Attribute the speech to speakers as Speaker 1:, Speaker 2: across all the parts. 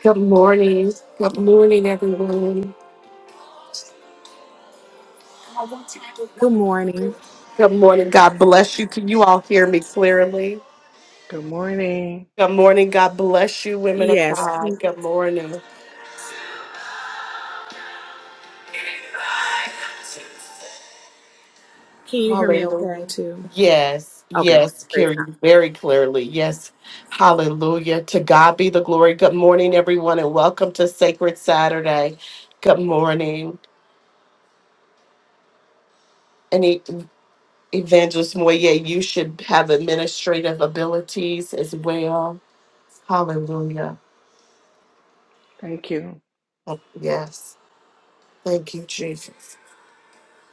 Speaker 1: Good morning. Good morning, everyone.
Speaker 2: Good morning.
Speaker 1: Good morning. God bless you. Can you all hear me clearly?
Speaker 3: Good morning.
Speaker 1: Good morning. God bless you, women of
Speaker 2: Yes.
Speaker 1: God. Good morning.
Speaker 2: Can you hear me
Speaker 1: Hallelujah.
Speaker 2: okay too?
Speaker 1: Yes,
Speaker 2: Okay.
Speaker 1: yes,
Speaker 2: Praise
Speaker 1: Carrie, very clearly. Yes. Hallelujah. To God be the glory. Good morning, everyone, and welcome to Sacred Saturday. Good morning. Any evangelist Moye, you should have administrative abilities as well. Hallelujah.
Speaker 3: Thank you.
Speaker 1: Oh, Yes. Thank you, Jesus.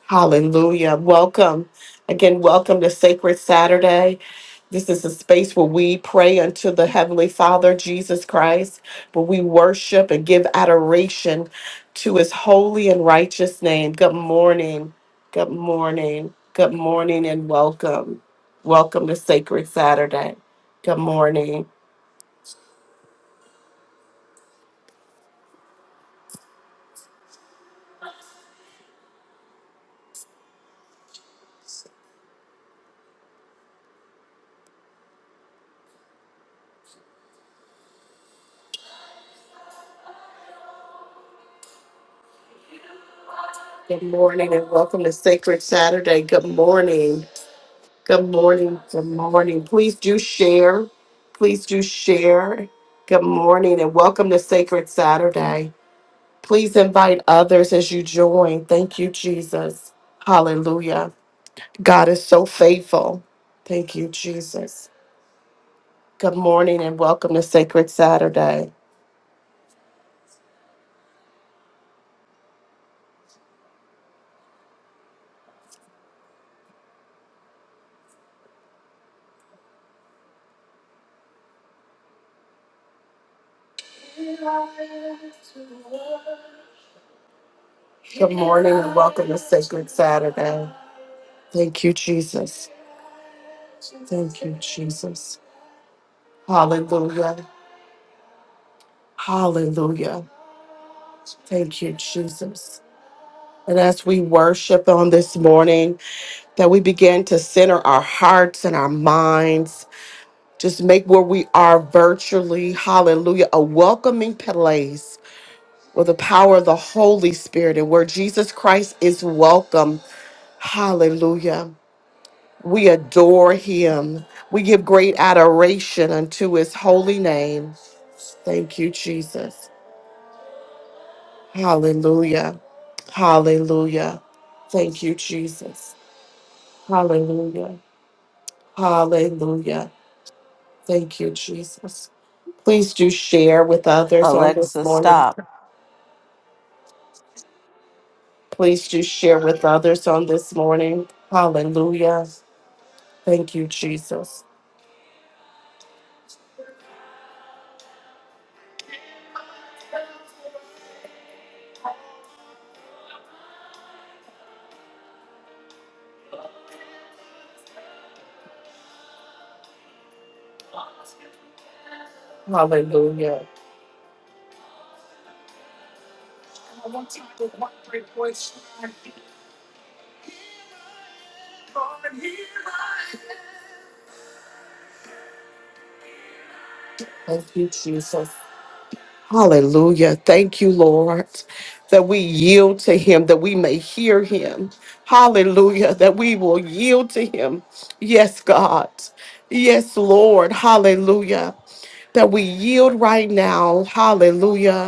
Speaker 1: Hallelujah. Welcome. Again, welcome to Sacred Saturday. This is a space where we pray unto the Heavenly Father, Jesus Christ, where we worship and give adoration to his holy and righteous name. Good morning. Good morning. Good morning and welcome. Welcome to Sacred Saturday. Good morning. Good morning and welcome to Sacred Saturday. Good morning. Good morning. Good morning. Please do share. Please do share. Good morning and welcome to Sacred Saturday. Please invite others as you join. Thank you, Jesus. Hallelujah. God is so faithful. Thank you, Jesus. Good morning and welcome to Sacred Saturday. Good morning and welcome to Sacred Saturday. Thank you, Jesus. Thank you, Jesus. Hallelujah. Hallelujah. Thank you, Jesus. And as we worship on this morning, that we begin to center our hearts and our minds, just make where we are virtually, hallelujah, a welcoming place with the power of the Holy Spirit and where Jesus Christ is welcome, hallelujah. We adore him. We give great adoration unto his holy name. Thank you, Jesus. Hallelujah. Hallelujah. Thank you, Jesus. Hallelujah. Hallelujah. Thank you, Jesus. Please do share with others on this
Speaker 4: Alexa,
Speaker 1: morning.
Speaker 4: stop.
Speaker 1: Please do share with others on this morning. Hallelujah. Thank you, Jesus. Hallelujah. Thank you, Jesus. Hallelujah. Thank you, Lord, that we yield to him, that we may hear him. Hallelujah. That we will yield to him. Yes, God. Yes, Lord. Hallelujah. That we yield right now. Hallelujah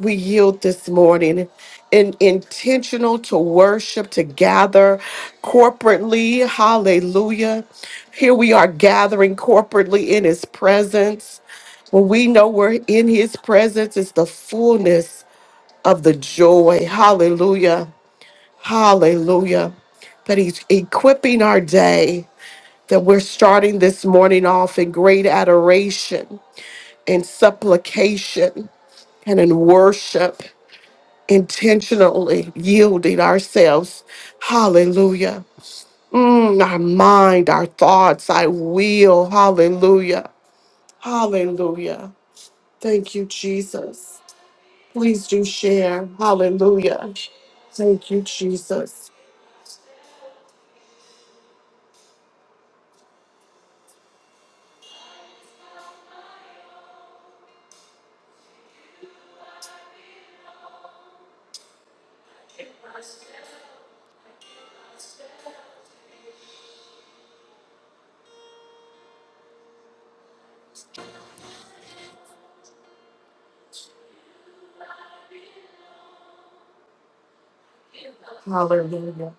Speaker 1: we yield this morning in intentional to worship to gather corporately hallelujah here we are gathering corporately in his presence when we know we're in his presence it's the fullness of the joy hallelujah hallelujah that he's equipping our day that we're starting this morning off in great adoration and supplication and in worship intentionally yielding ourselves. Hallelujah. Mm, our mind, our thoughts, our will. Hallelujah. Hallelujah. Thank you, Jesus. Please do share. Hallelujah. Thank you, Jesus. Hallelujah.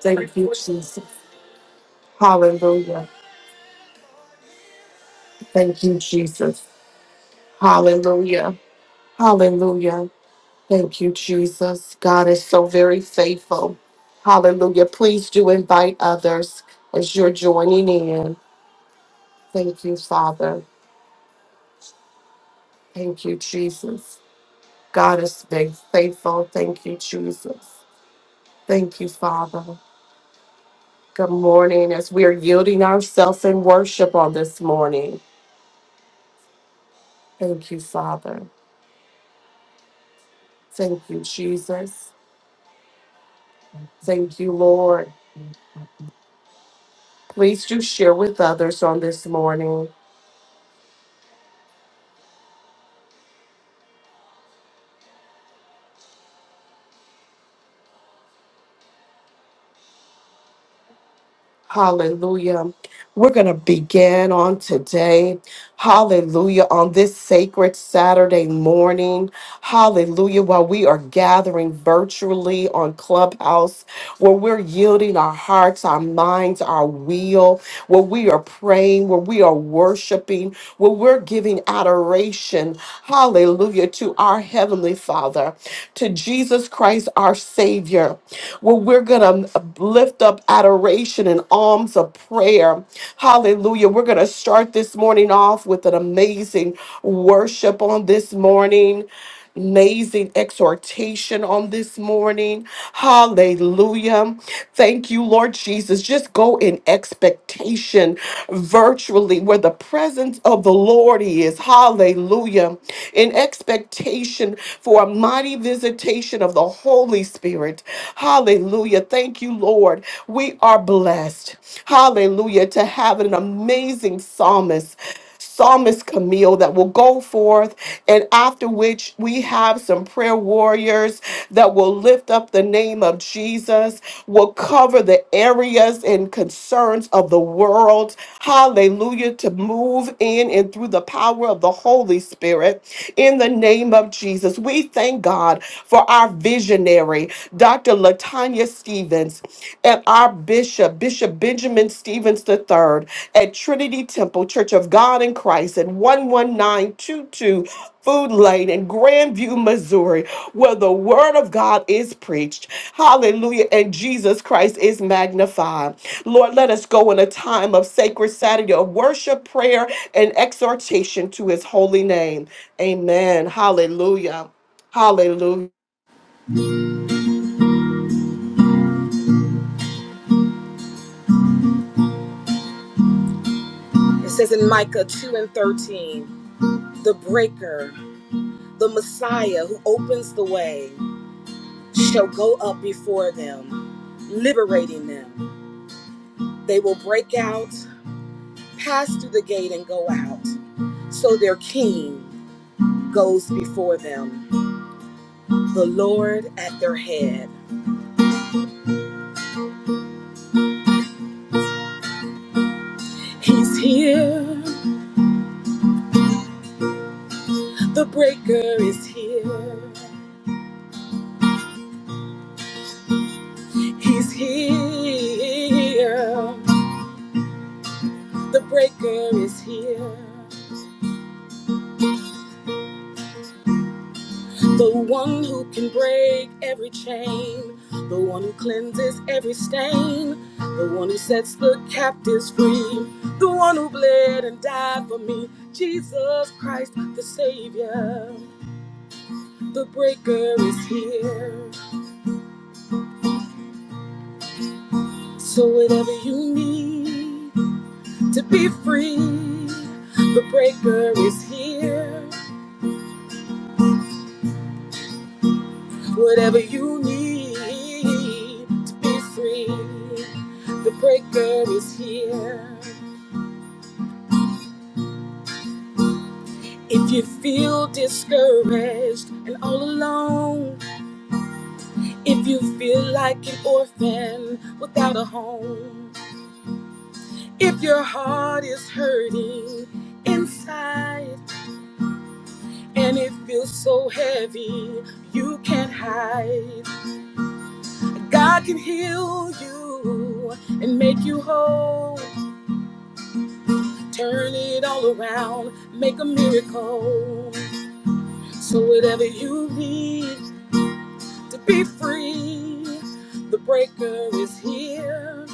Speaker 1: Thank you, Jesus. Hallelujah. Thank you, Jesus. Hallelujah. Hallelujah. Thank you, Jesus. God is so very faithful. Hallelujah. Please do invite others as you're joining in. Thank you, Father. Thank you, Jesus. God is big, faithful. Thank you, Jesus. Thank you, Father. Good morning as we are yielding ourselves in worship on this morning. Thank you, Father. Thank you, Jesus. Thank you, Lord. Please do share with others on this morning. Hallelujah. We're going to begin on today. Hallelujah. On this sacred Saturday morning. Hallelujah. While we are gathering virtually on Clubhouse, where we're yielding our hearts, our minds, our will, where we are praying, where we are worshiping, where we're giving adoration. Hallelujah to our Heavenly Father to Jesus Christ, our Savior, where we're going to lift up adoration and alms of prayer. Hallelujah. We're going to start this morning off with an amazing worship on this morning. Amazing exhortation on this morning. Hallelujah. Thank you, Lord Jesus. Just go in expectation virtually where the presence of the Lord is. Hallelujah. In expectation for a mighty mighty visitation of the Holy Spirit. Hallelujah. Thank you, Lord. We are blessed. Hallelujah. To have an amazing psalmist. Psalmist Camille that will go forth, and after which we have some prayer warriors that will lift up the name of Jesus, will cover the areas and concerns of the world. Hallelujah. To move in and through the power of the Holy Spirit in the name of Jesus. We thank thank God for our visionary, Dr. Latanya Stevens, and our bishop, Bishop Benjamin Stevens III, at Trinity Temple Church of God in Christ at 11922 Food Lane in Grandview, Missouri, where the word of God is preached. Hallelujah. And Jesus Christ is magnified. Lord, let us go in a time of sacred Saturday of worship, prayer, and exhortation to his holy name. Amen. Hallelujah. Hallelujah.
Speaker 2: God. It says in Micah 2 and 13, the breaker, the Messiah who opens the way, shall go up before them, liberating them. They will break out, pass through the gate, and go out. So their king goes before them, the Lord at their head. He's here. The breaker is here. He's here. The breaker is here. The one who can break every chain. The one who cleanses every stain. The one who sets the captives free. The one who bled and died for me. Jesus Christ, the Savior. The breaker is here. So, whatever you need to be free, the breaker is here. Whatever you need to be free, the breaker is here. If you feel discouraged and all alone, if you feel like an orphan without a home, if your heart is hurting inside and it feels so heavy you can't hide, God can heal you and make you whole. turn it all around, make a miracle. So whatever you need to be free, the breaker is here.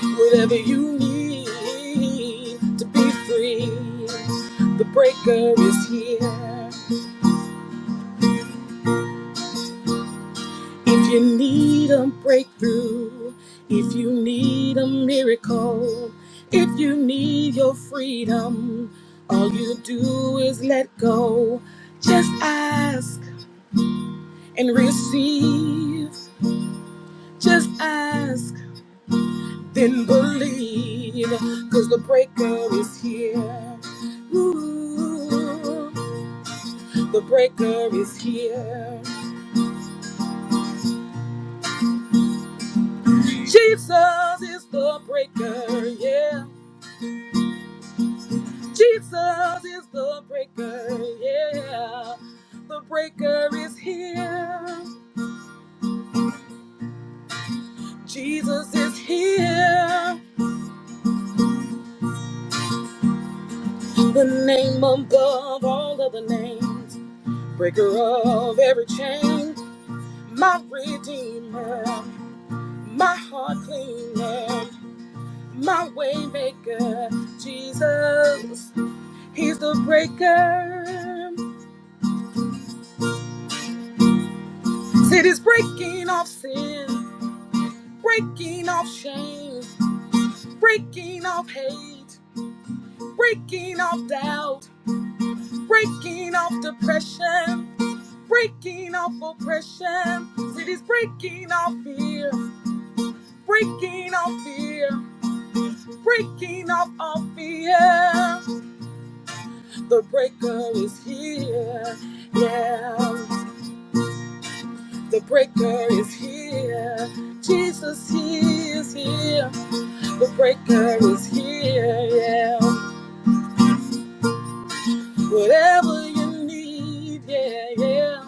Speaker 2: Whatever you need to be free, the breaker is here. If you need a breakthrough, if you need a miracle, if you need your freedom, all you do is let go. Just ask and receive. Just ask, then believe, because the breaker is here. Ooh, the breaker is here. Jesus is the breaker, yeah. Jesus is the breaker, yeah. The breaker is here. Jesus is here. The name above all other names breaker of every chain, my redeemer, my heart cleaner, my waymaker, Jesus. He's the breaker. Cities breaking off sin, breaking off shame, breaking off hate, breaking off doubt, breaking off depression. Breaking off oppression, cities breaking off fear, breaking off fear, breaking off all fear. The breaker is here. Yeah, the breaker is here. Jesus, he is here. The breaker is here. Yeah, whatever you need. Yeah, yeah,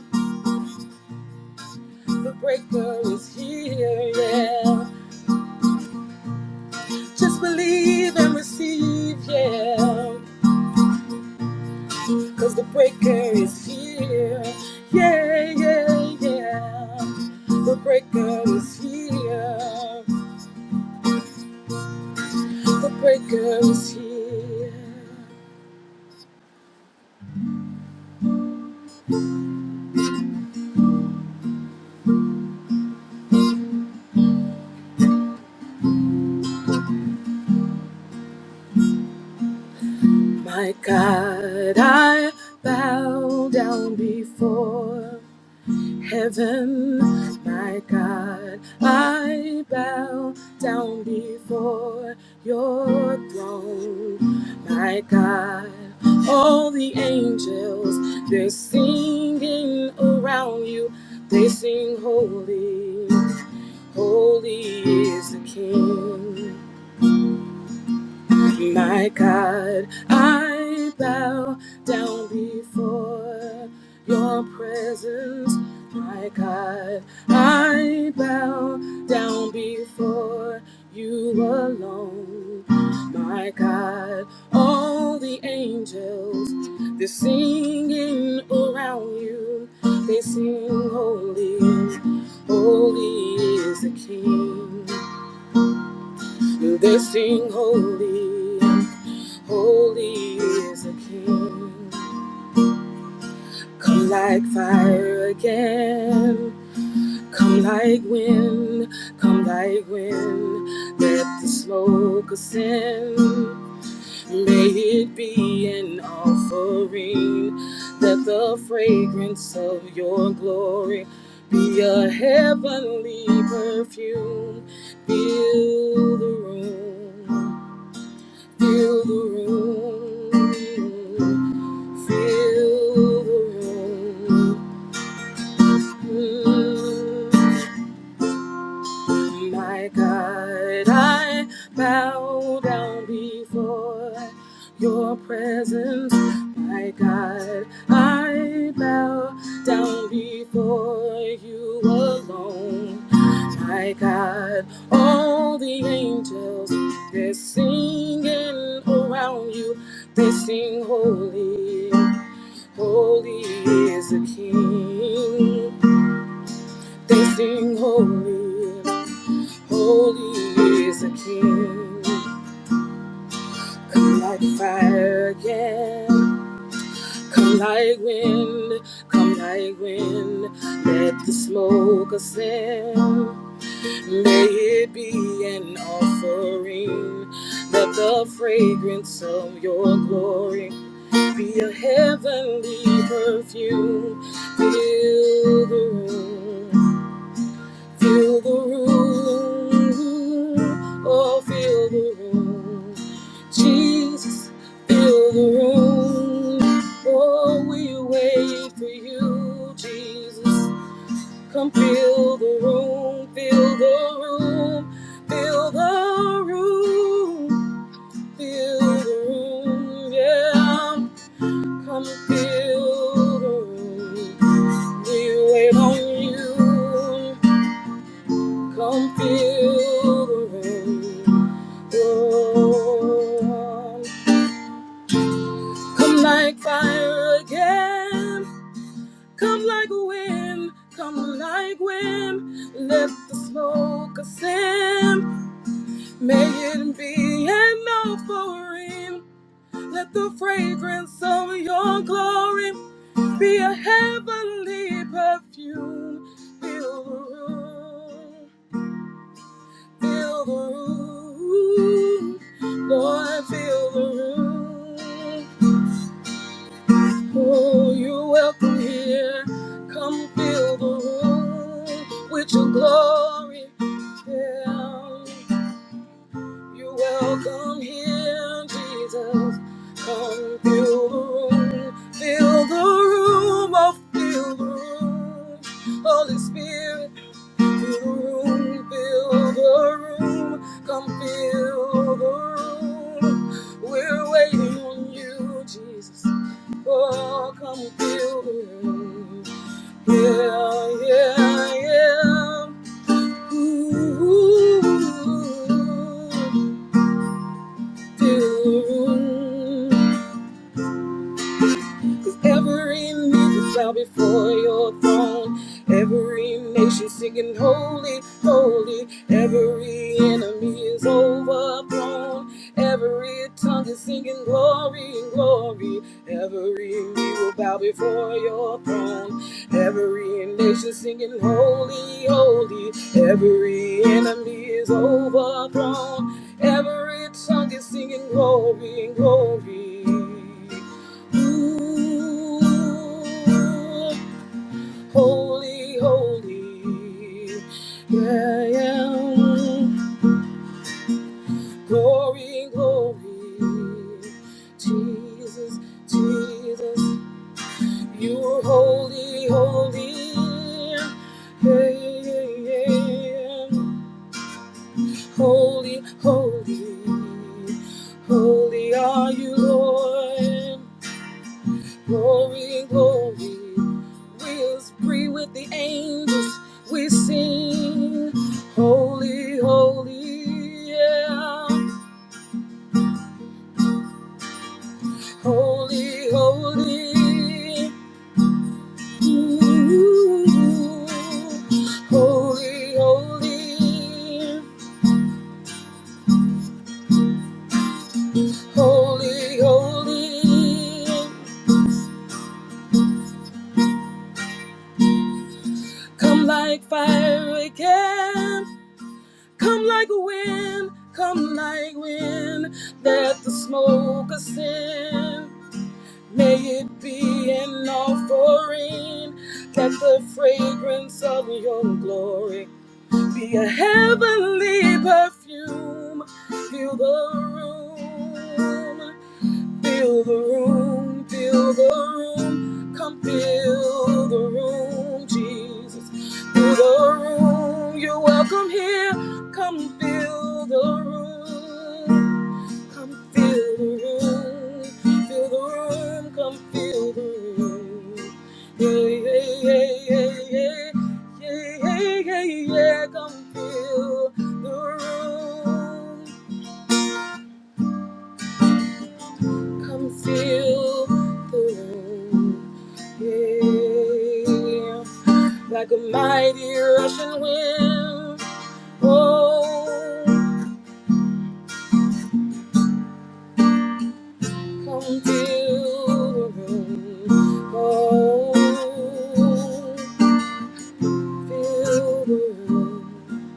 Speaker 2: the breaker is here. Yeah, just believe and receive. Yeah, cause the breaker is here. Yeah, yeah, yeah. The breaker is here. The breaker is here. My God, I bow down before heaven. My God, I bow down before your throne. My God, all the angels, they're singing around you. They sing holy, holy is the King. My God, I bow down before your presence. My God, I bow down before you alone. My God, all the angels, they're singing around you. They sing holy, holy is the King. They sing holy, holy is the King. Come like fire again, come like wind, come like wind. Let the smoke ascend. May it be an offering. Let the fragrance of your glory be a heavenly perfume. Fill the room. Feel the room. Feel the room. Mm. My God, I bow down before your presence. My God, I bow down before you alone. My God, all the angels, they're singing around you. They sing holy, holy is the King. They sing holy. Holy is the King. Come like fire again. Come like wind. Come like wind. Let the smoke ascend. May it be an offering. Let the fragrance of your glory be a heavenly perfume. Fill the room. Feel the room, oh, feel the room. Jesus, feel the room. Oh, we wait for you, Jesus. Come fill the room, fill the room, fill the room, fill the room, yeah. Come fill the room. We wait on you. Come feel the rain. Lord. Come like fire again. Come like wind. Come like wind. Let the smoke ascend. May it be an offering. Let the fragrance of your glory be a heavenly perfume. Fill the room. Fill the room, Lord, fill the room. Oh, you're welcome here. Come fill the room with your glory. Yeah, you're welcome here, Jesus. Come fill the room, fill the room, oh, fill the room. Holy Spirit. room, fill the room, come fill the room. We're waiting on you, Jesus. Oh, come fill the room. Yeah, yeah, yeah. Ooh, fill the room. Cause every knee shall bow before your throne. Every nation singing holy, holy. Every enemy is overthrown. Every tongue is singing glory, glory. Every knee will bow before your throne. Every nation singing holy, holy. Every enemy is overthrown. Every tongue is singing glory, glory. Ooh, Holy, holy, yeah, yeah. mm. Glory, glory, Jesus, Jesus, you're holy, holy, yeah, yeah, yeah. Holy, holy, holy are you, Lord. Glory, glory. We'll free with the angels. We sing, holy, holy, yeah. Holy, holy. Ooh. Holy, holy. Holy, holy. Come like fire again. Come like a wind, come like wind that the smoke ascend. May it be an offering that the fragrance of your glory be a heavenly perfume. Fill the room. Fill the room, fill the room, come fill the room, Jesus. Fill the room, you're welcome here. Come fill the room, come fill the room, fill the room, come fill the room. Yeah, yeah, yeah, yeah, yeah, yeah, yeah, yeah, yeah, come fill the room. Come fill the room, yeah. Like a mighty rushing wind, oh, come fill the room, oh, fill the room.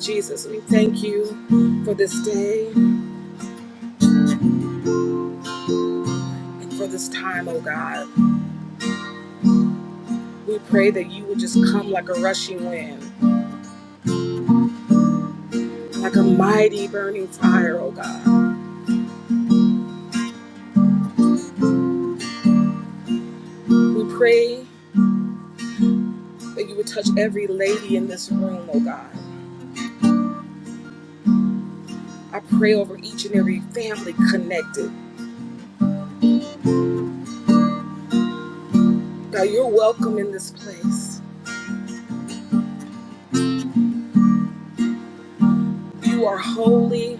Speaker 2: Jesus, we thank you for this day and for this time, oh God. We pray that you would just come like a rushing wind. like a mighty burning fire, oh God. We pray that you would touch every lady in this room, oh God. I pray over each and every family connected. God, you're welcome in this place. You are holy,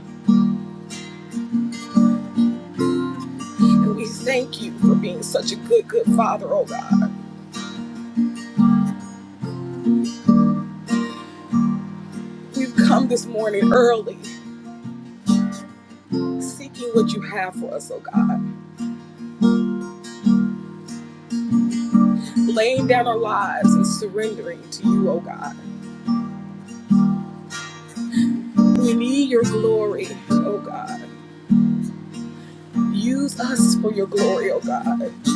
Speaker 2: and we thank you for being such a good, good father, oh God. We've come this morning early, seeking what you have for us, oh God, laying down our lives and surrendering to you, oh God. We need your glory, oh God. Use us for your glory, oh God.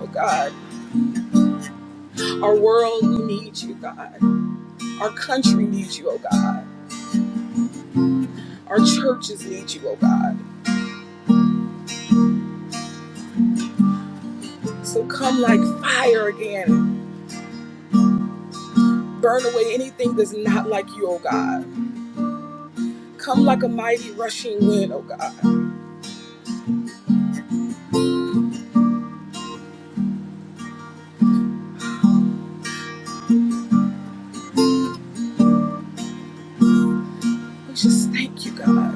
Speaker 2: oh God. Our world, we need you, God. Our country needs you, oh God. Our churches need you, oh God. So come like fire again. Burn away anything that's not like you, oh God. Come like a mighty rushing wind, oh God. We just thank you, God,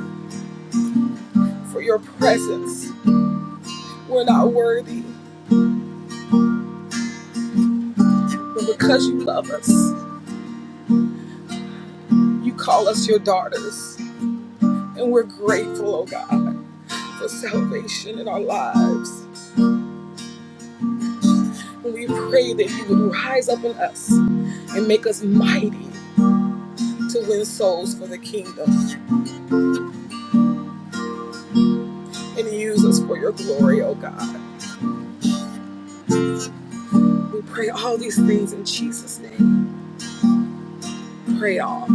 Speaker 2: for your presence. We're not worthy, but because you love us, you call us your daughters. And we're grateful, oh God, for salvation in our lives. We pray that you would rise up in us and make us mighty to win souls for the kingdom and use us for your glory, oh God. We pray all these things in Jesus' name. Pray all.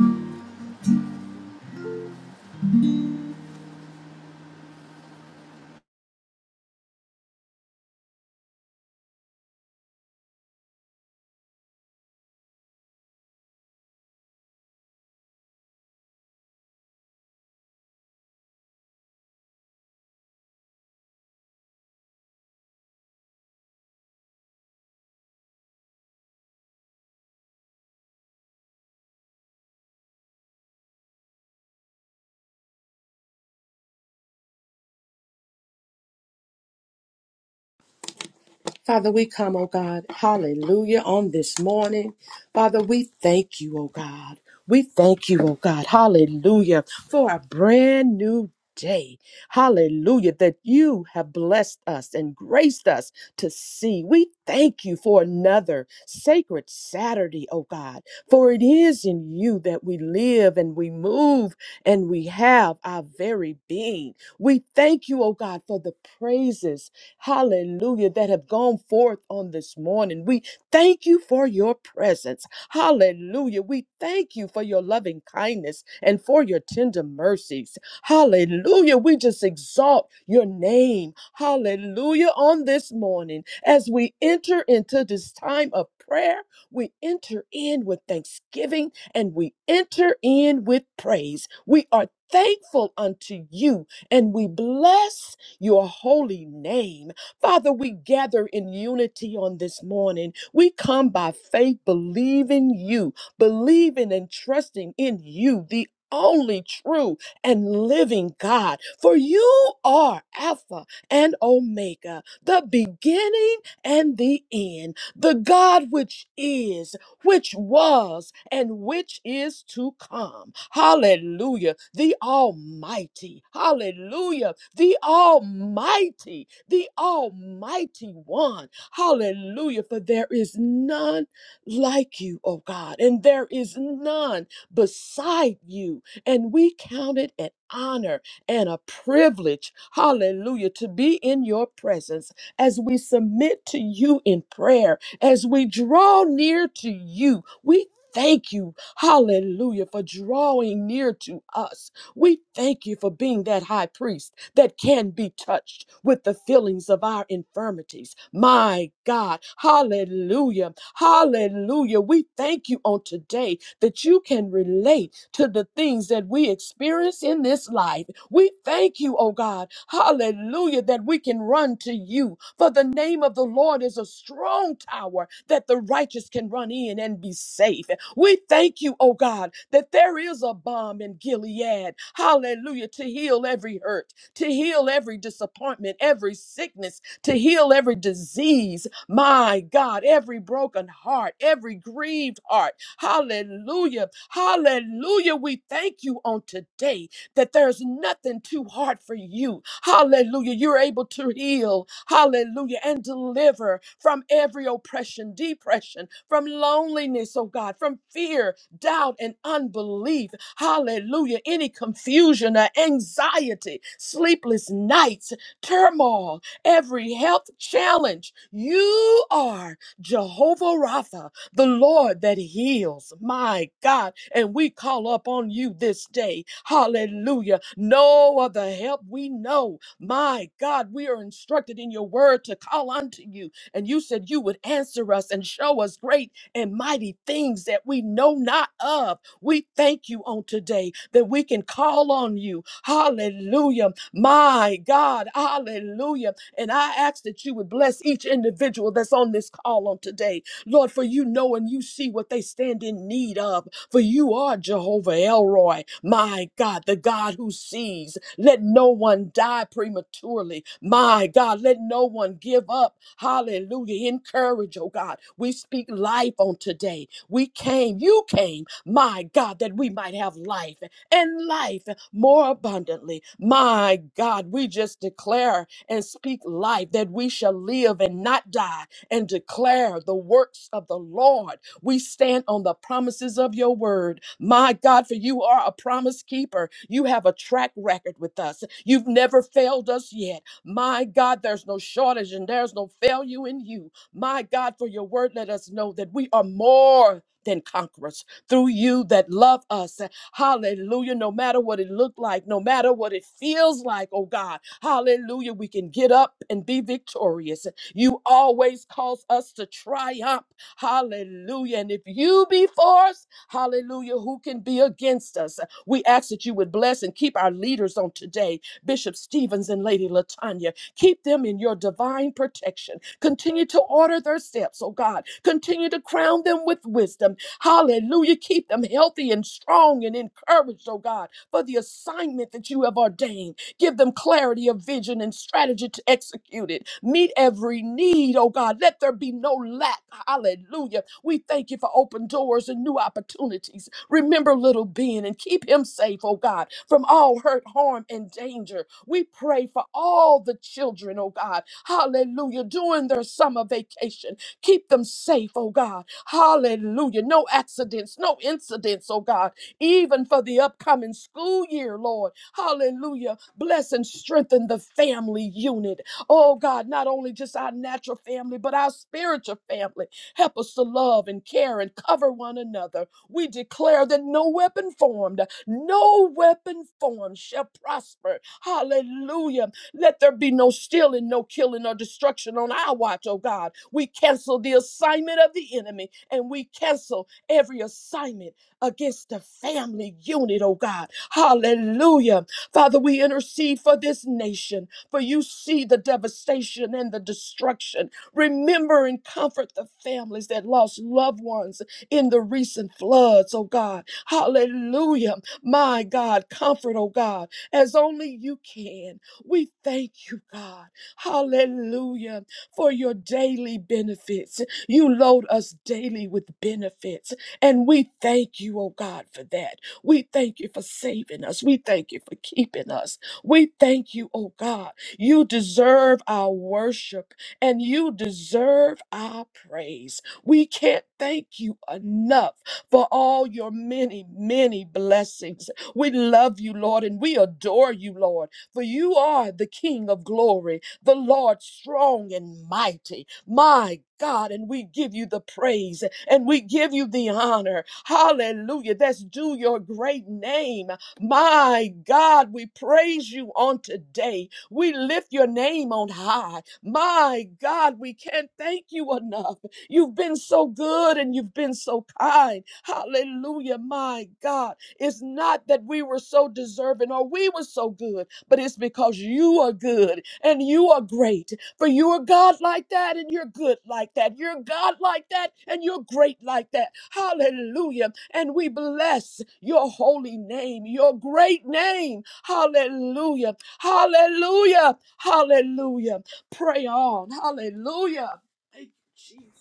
Speaker 5: Father, we come, oh God, hallelujah, on this morning. Father, we thank you, oh God. We thank you, oh God, hallelujah, for a brand new day. Hallelujah, that you have blessed us and graced us to see. We thank you for another sacred Saturday, oh God, for it is in you that we live and we move and we have our very being. We thank you, oh God, for the praises hallelujah, that have gone forth on this morning. We thank you for your presence. Hallelujah. We thank you for your loving kindness and for your tender mercies. Hallelujah. We just exalt your name. Hallelujah. On this morning, as we enter into this time of prayer, we enter in with thanksgiving and we enter in with praise. We are thankful unto you and we bless your holy name. Father, we gather in unity on this morning. We come by faith, believing you, believing and trusting in you, the only true and living God. For you are Alpha and Omega, the beginning and the end, the God which is, which was and which is to come. Hallelujah. The Almighty. Hallelujah. The Almighty. The Almighty One. Hallelujah. For there is none like you, O God, and there is none beside you. And we count it an honor and a privilege, hallelujah, to be in your presence as we submit to you in prayer as we draw near to you. We thank you, hallelujah, for drawing near to us. We thank you for being that high priest that can be touched with the feelings of our infirmities. My God, hallelujah, hallelujah. We thank you on today that you can relate to the things that we experience in this life. We thank you, oh God. Hallelujah, that we can run to you. For the name of the Lord is a strong tower that the righteous can run in and be safe. We thank you, oh God, that there is a bomb in Gilead. Hallelujah, to heal every hurt, to heal every disappointment, every sickness, to heal every disease. My God, every broken heart, every grieved heart. Hallelujah. Hallelujah. We thank you on today that there's nothing too hard for you. Hallelujah. You're able to heal. Hallelujah. And deliver from every oppression, depression, from loneliness, oh God, from fear, doubt, and unbelief. Hallelujah. Any confusion or anxiety, sleepless nights, turmoil, every health challenge. You are Jehovah Rapha the Lord that heals. My God. And we call up on you this day. Hallelujah. No other help we know. My God, we are instructed in your word to call unto you. And you said you would answer us and show us great and mighty things that we know not of. We thank you on today that we can call on you. Hallelujah. My God. Hallelujah. And I ask that you would bless each individual that's on this call on today. Lord, for you know and you see what they stand in need of. For you are Jehovah Elroy, my God, the God who sees. Let no one die prematurely. My God, let no one give up. Hallelujah. Encourage, oh God. We speak life on today. We came, you came, my God, that we might have life and life more abundantly. My God, we just declare and speak life that we shall live and not die and declare the works of the Lord. We stand on the promises of your word. My God, for you are a promise keeper. You have a track record with us. You've never failed us yet. My God, there's no shortage and there's no failure in you. My God, for your word, let us know that we are more than conquerors through you that love us. Hallelujah. No matter what it looked like, no matter what it feels like, oh God. Hallelujah. We can get up and be victorious. You always cause us to triumph. Hallelujah. And if you be for us, hallelujah, who can be against us? We ask that you would bless and keep our leaders on today, Bishop Stevens and Lady Latanya. Keep them in your divine protection. Continue to order their steps, oh God. Continue to crown them with wisdom. Hallelujah. Keep them healthy and strong and encouraged, oh God, for the assignment that you have ordained. Give them clarity of vision and strategy to execute it. Meet every need, oh God. Let there be no lack. Hallelujah. We thank you for open doors and new opportunities. Remember little Ben and keep him safe, oh God, from all hurt, harm, and danger. We pray for all the children, oh God. Hallelujah. During their summer vacation, keep them safe, oh God. Hallelujah. No accidents, no incidents, oh God even for the upcoming school year, Lord. Hallelujah. Bless and strengthen the family unit. Oh God, not only just our natural family, but our spiritual family. Help us to love and care and cover one another. We declare that no weapon formed, no weapon formed shall prosper. Hallelujah. Let there be no stealing, no killing, or destruction on our watch, oh God. We cancel the assignment of the enemy and we cancel every assignment against the family unit, oh God. Hallelujah. Father, we intercede for this nation, for you see the devastation and the destruction. Remember and comfort the families that lost loved ones in the recent floods, oh God. Hallelujah. My God, comfort, oh God, as only you can. We thank you, God. Hallelujah. For your daily benefits. You load us daily with benefits. And we thank you, oh God, for that. We thank you for saving us. We thank you for keeping us. We thank you, oh God. You deserve our worship and you deserve our praise. We can't thank you enough for all your many, many blessings. We love you, Lord, and we adore you, Lord, for you are the King of glory, the Lord strong and mighty. My God, and we give you the praise and we give you the honor. Hallelujah. That's due your great name. My God, we praise you on today. We lift your name on high. My God, we can't thank you enough. You've been so good and you've been so kind. Hallelujah. My God, it's not that we were so deserving or we were so good, but it's because you are good and you are great for you are God like that, and you're good like that. You're God like that, and you're great like that. Hallelujah. And we bless your holy name, your great name. Hallelujah. Hallelujah. Hallelujah. Pray on. Hallelujah. Thank you, Jesus.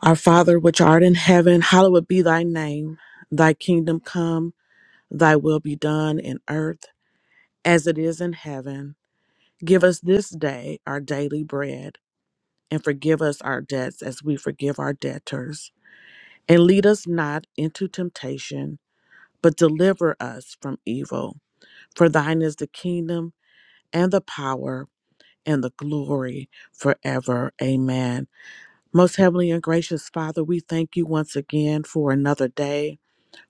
Speaker 6: Our Father, which art in heaven, hallowed be thy name. Thy kingdom come, thy will be done in earth as it is in heaven. Give us this day our daily bread, and forgive us our debts as we forgive our debtors. And lead us not into temptation, but deliver us from evil. For thine is the kingdom, and the power, and the glory forever. Amen. Most heavenly and gracious Father, we thank you once again for another day.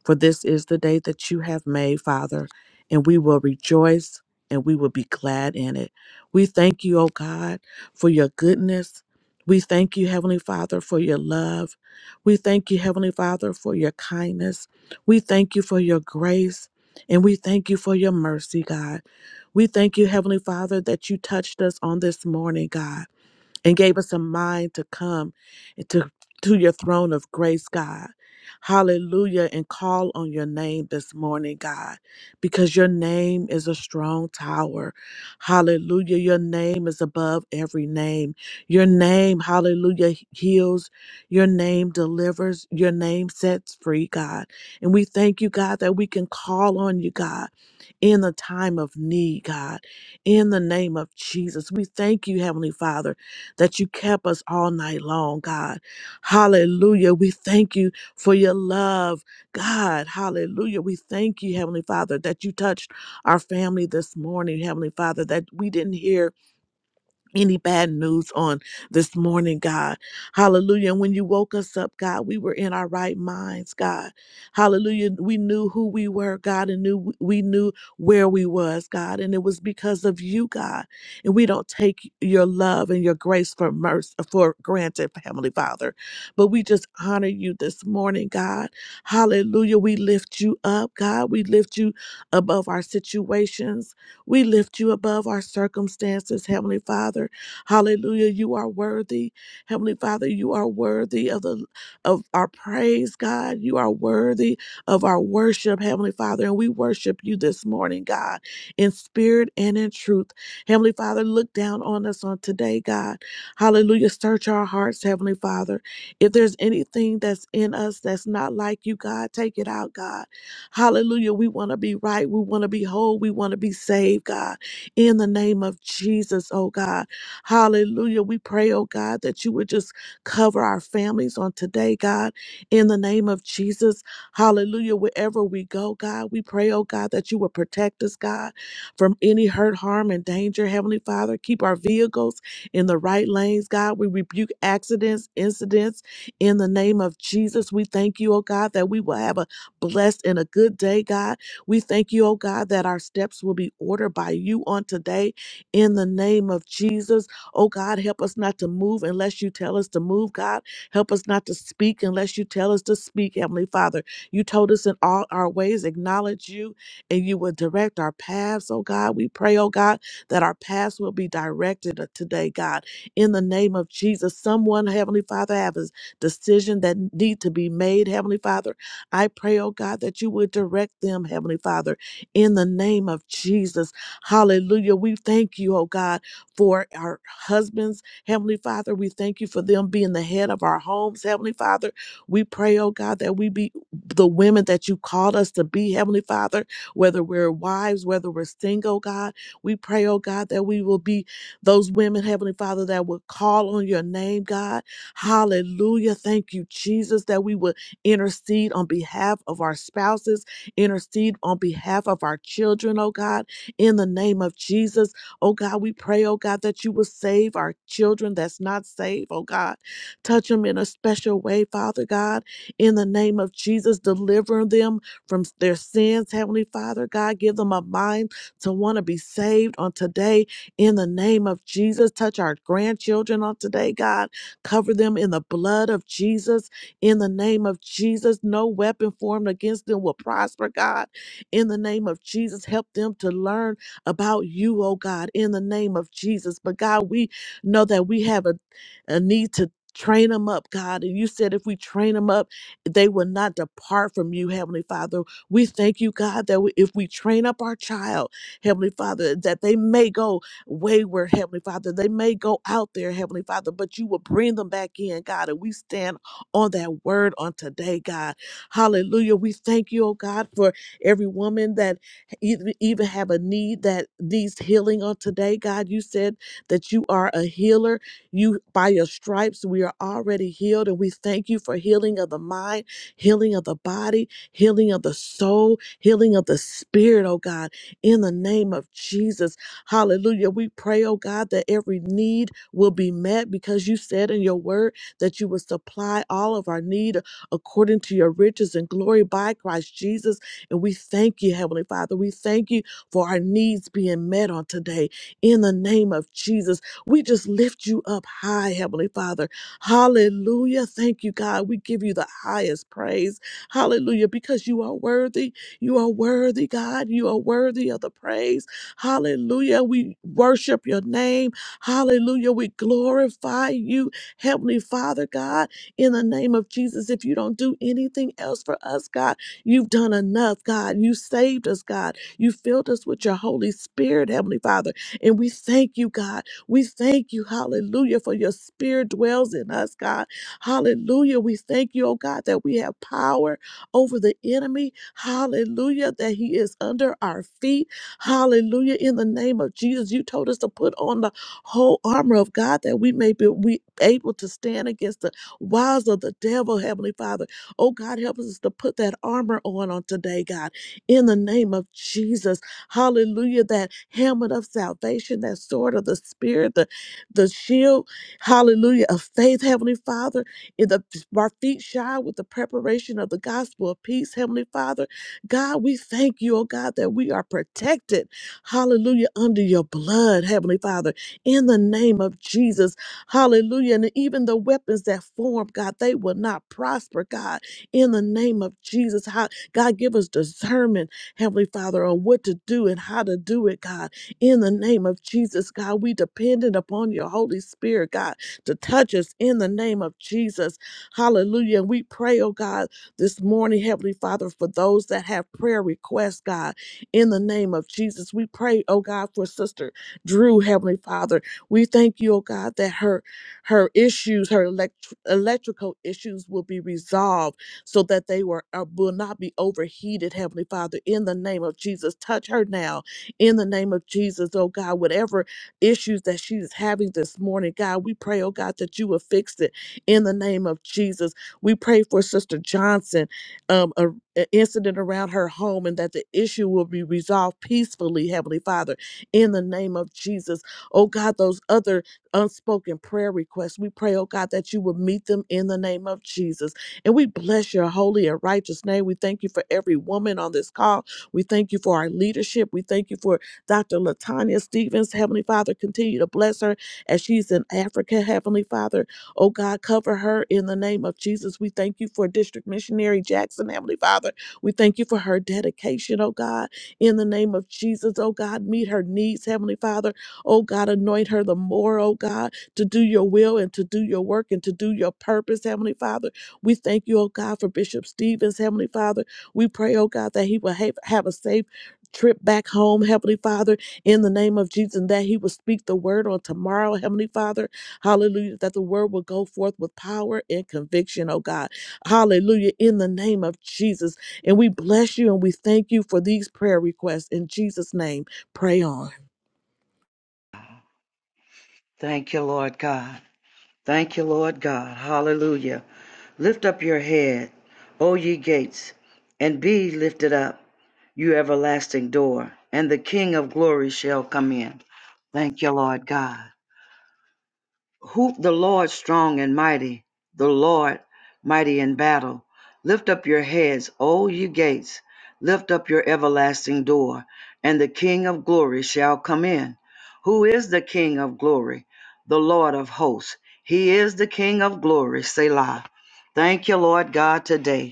Speaker 6: For this is the day that you have made, Father, and we will rejoice and we will be glad in it. We thank you, O God, for your goodness. We thank you, Heavenly Father, for your love. We thank you, Heavenly Father, for your kindness. We thank you for your grace. And we thank you for your mercy, God. We thank you, Heavenly Father, that you touched us on this morning, God and gave us a mind to come to, to your throne of grace, God. Hallelujah. And call on your name this morning, God, because your name is a strong tower. Hallelujah. Your name is above every name. Your name, hallelujah, heals. Your name delivers. Your name sets free, God. And we thank you, God, that we can call on you, God, in the time of need, God, in the name of Jesus. We thank you, Heavenly Father that you kept us all night long, God. Hallelujah. We thank you for your love, God. Hallelujah. We thank you, Heavenly Father, that you touched our family this morning, Heavenly Father, that we didn't hear any bad news on this morning, God. Hallelujah. And when you woke us up, God, we were in our right minds, God. Hallelujah. We knew who we were, God, and knew we knew where we was, God. And it was because of you, God. And we don't take your love and your grace for mercy for granted, Heavenly Father. But we just honor you this morning, God. Hallelujah. We lift you up, God. We lift you above our situations. We lift you above our circumstances, Heavenly Father. Hallelujah. You are worthy. Heavenly Father, you are worthy of the of our praise, God. You are worthy of our worship, Heavenly Father. And we worship you this morning, God, in spirit and in truth. Heavenly Father, look down on us on today, God. Hallelujah. Search our hearts, Heavenly Father. If there's anything that's in us that's not like you, God, take it out, God. Hallelujah. We want to be right. We want to be whole. We want to be saved, God, in the name of Jesus, oh God. Hallelujah. We pray, oh God, that you would just cover our families on today, God, in the name of Jesus. Hallelujah. Wherever we go, God, we pray, oh God, that you would protect us, God, from any hurt, harm, and danger. Heavenly Father, keep our vehicles in the right lanes, God. We rebuke accidents, incidents in the name of Jesus. We thank you, oh God, that we will have a blessed and a good day, God. We thank you, oh God, that our steps will be ordered by you on today in the name of Jesus. Oh God, help us not to move unless you tell us to move, God. Help us not to speak unless you tell us to speak, Heavenly Father. You told us in all our ways, acknowledge you, and you will direct our paths, oh God. We pray, oh God, that our paths will be directed today, God. In the name of Jesus, someone, Heavenly Father, have a decision that need to be made, Heavenly Father I pray, oh God, that you would direct them, Heavenly Father, in the name of Jesus. Hallelujah. We thank you, oh God, for our husbands, Heavenly Father. We thank you for them being the head of our homes, Heavenly Father. We pray, oh God, that we be the women that you called us to be, Heavenly Father, whether we're wives, whether we're single, God. We pray, oh God, that we will be those women, Heavenly Father, that will call on your name, God. Hallelujah. Thank you, Jesus, that we would intercede on behalf of our spouses, intercede on behalf of our children, oh God, in the name of Jesus. Oh God, we pray, oh God, that you will save our children that's not saved, oh God. Touch them in a special way, Father God, in the name of Jesus. Deliver them from their sins, Heavenly Father God. Give them a mind to want to be saved on today, in the name of Jesus. Touch our grandchildren on today, God. Cover them in the blood of Jesus in the name of Jesus, no weapon formed against them will prosper, God. In the name of Jesus, help them to learn about you, oh God, in the name of Jesus. But God, we know that we have a, a need to train them up, God. And you said if we train them up, they will not depart from you, Heavenly Father. We thank you, God, that we, if we train up our child, Heavenly Father, that they may go wayward, Heavenly Father. They may go out there, Heavenly Father, but you will bring them back in, God. And we stand on that word on today, God. Hallelujah. We thank you, oh God, for every woman that even, even have a need that needs healing on today, God. You said that you are a healer. You by your stripes we are already healed, and we thank you for healing of the mind, healing of the body, healing of the soul, healing of the spirit, oh God. In the name of Jesus, Hallelujah. We pray, oh God, that every need will be met because you said in your word that you would supply all of our need according to your riches and glory by Christ Jesus. And we thank you, Heavenly Father. We thank you for our needs being met on today. In the name of Jesus, we just lift you up high, Heavenly Father. Hallelujah. Thank you, God. We give you the highest praise. Hallelujah. Because you are worthy. You are worthy, God. You are worthy of the praise. Hallelujah. We worship your name. Hallelujah. We glorify you. Heavenly Father, God, in the name of Jesus, if you don't do anything else for us, God, you've done enough, God. You saved us, God. You filled us with your Holy Spirit, Heavenly Father. And we thank you, God. We thank you, hallelujah, for your spirit dwells in us, God. Hallelujah. We thank you, oh God, that we have power over the enemy. Hallelujah, that he is under our feet. Hallelujah. In the name of Jesus, you told us to put on the whole armor of God that we may be we able to stand against the wiles of the devil, Heavenly Father. Oh God, help us to put that armor on on today, God, in the name of Jesus. Hallelujah. That helmet of salvation, that sword of the spirit, the, the shield, hallelujah, of faith, Heavenly Father. In the our feet shod with the preparation of the gospel of peace, Heavenly Father. God, we thank you, oh God, that we are protected. Hallelujah. Under your blood, Heavenly Father in the name of Jesus. Hallelujah. And even the weapons that form, God, they will not prosper, God, in the name of Jesus. How, God, give us discernment, Heavenly Father, on what to do and how to do it, God, in the name of Jesus. God, we dependent upon your Holy Spirit, God, to touch us in the name of Jesus. Hallelujah. And we pray, oh God, this morning, Heavenly Father, for those that have prayer requests, God, in the name of Jesus. We pray, oh God, for Sister. Drew, Heavenly Father. We thank you, oh God, that her her issues, her elect- electrical issues will be resolved so that they were uh, will not be overheated, Heavenly Father. In the name of Jesus, touch her now. In the name of Jesus, oh God, whatever issues that she is having this morning, God, we pray, oh God, that you will fix it. In the name of Jesus, we pray for Sister Johnson, um, a, a incident around her home, and that the issue will be resolved peacefully, Heavenly Father in the name of Jesus. Oh God, those other unspoken prayer requests, we pray, oh God, that you will meet them in the name of Jesus. And we bless your holy and righteous name. We thank you for every woman on this call. We thank you for our leadership. We thank you for Dr. Latanya Stevens. Heavenly Father, continue to bless her as she's in Africa. Heavenly Father, oh God, cover her in the name of Jesus. We thank you for District Missionary Jackson. Heavenly Father, we thank you for her dedication, oh God in the name of Jesus. Oh God, meet her needs, Heavenly Father. Oh God, anoint her the more, oh God, to do your will and to do your work and to do your purpose, Heavenly Father. We thank you, oh God, for Bishop Stevens, Heavenly Father. We pray, oh God, that he will have, have a safe trip back home, Heavenly Father, in the name of Jesus, and that he will speak the word on tomorrow, Heavenly Father. Hallelujah, that the word will go forth with power and conviction, oh God. Hallelujah, in the name of Jesus. And we bless you and we thank you for these prayer requests. In Jesus' name, pray on.
Speaker 7: Thank you, Lord God. Thank you, Lord God. Hallelujah. Lift up your head, O ye gates, and be lifted up, you everlasting door, and the King of glory shall come in. Thank you, Lord God. Hoop the Lord strong and mighty, the Lord mighty in battle. Lift up your heads, O ye gates, lift up your everlasting door, and the King of glory shall come in. Who is the King of glory? The Lord of hosts. He is the King of glory. Selah. Thank you, Lord God, today.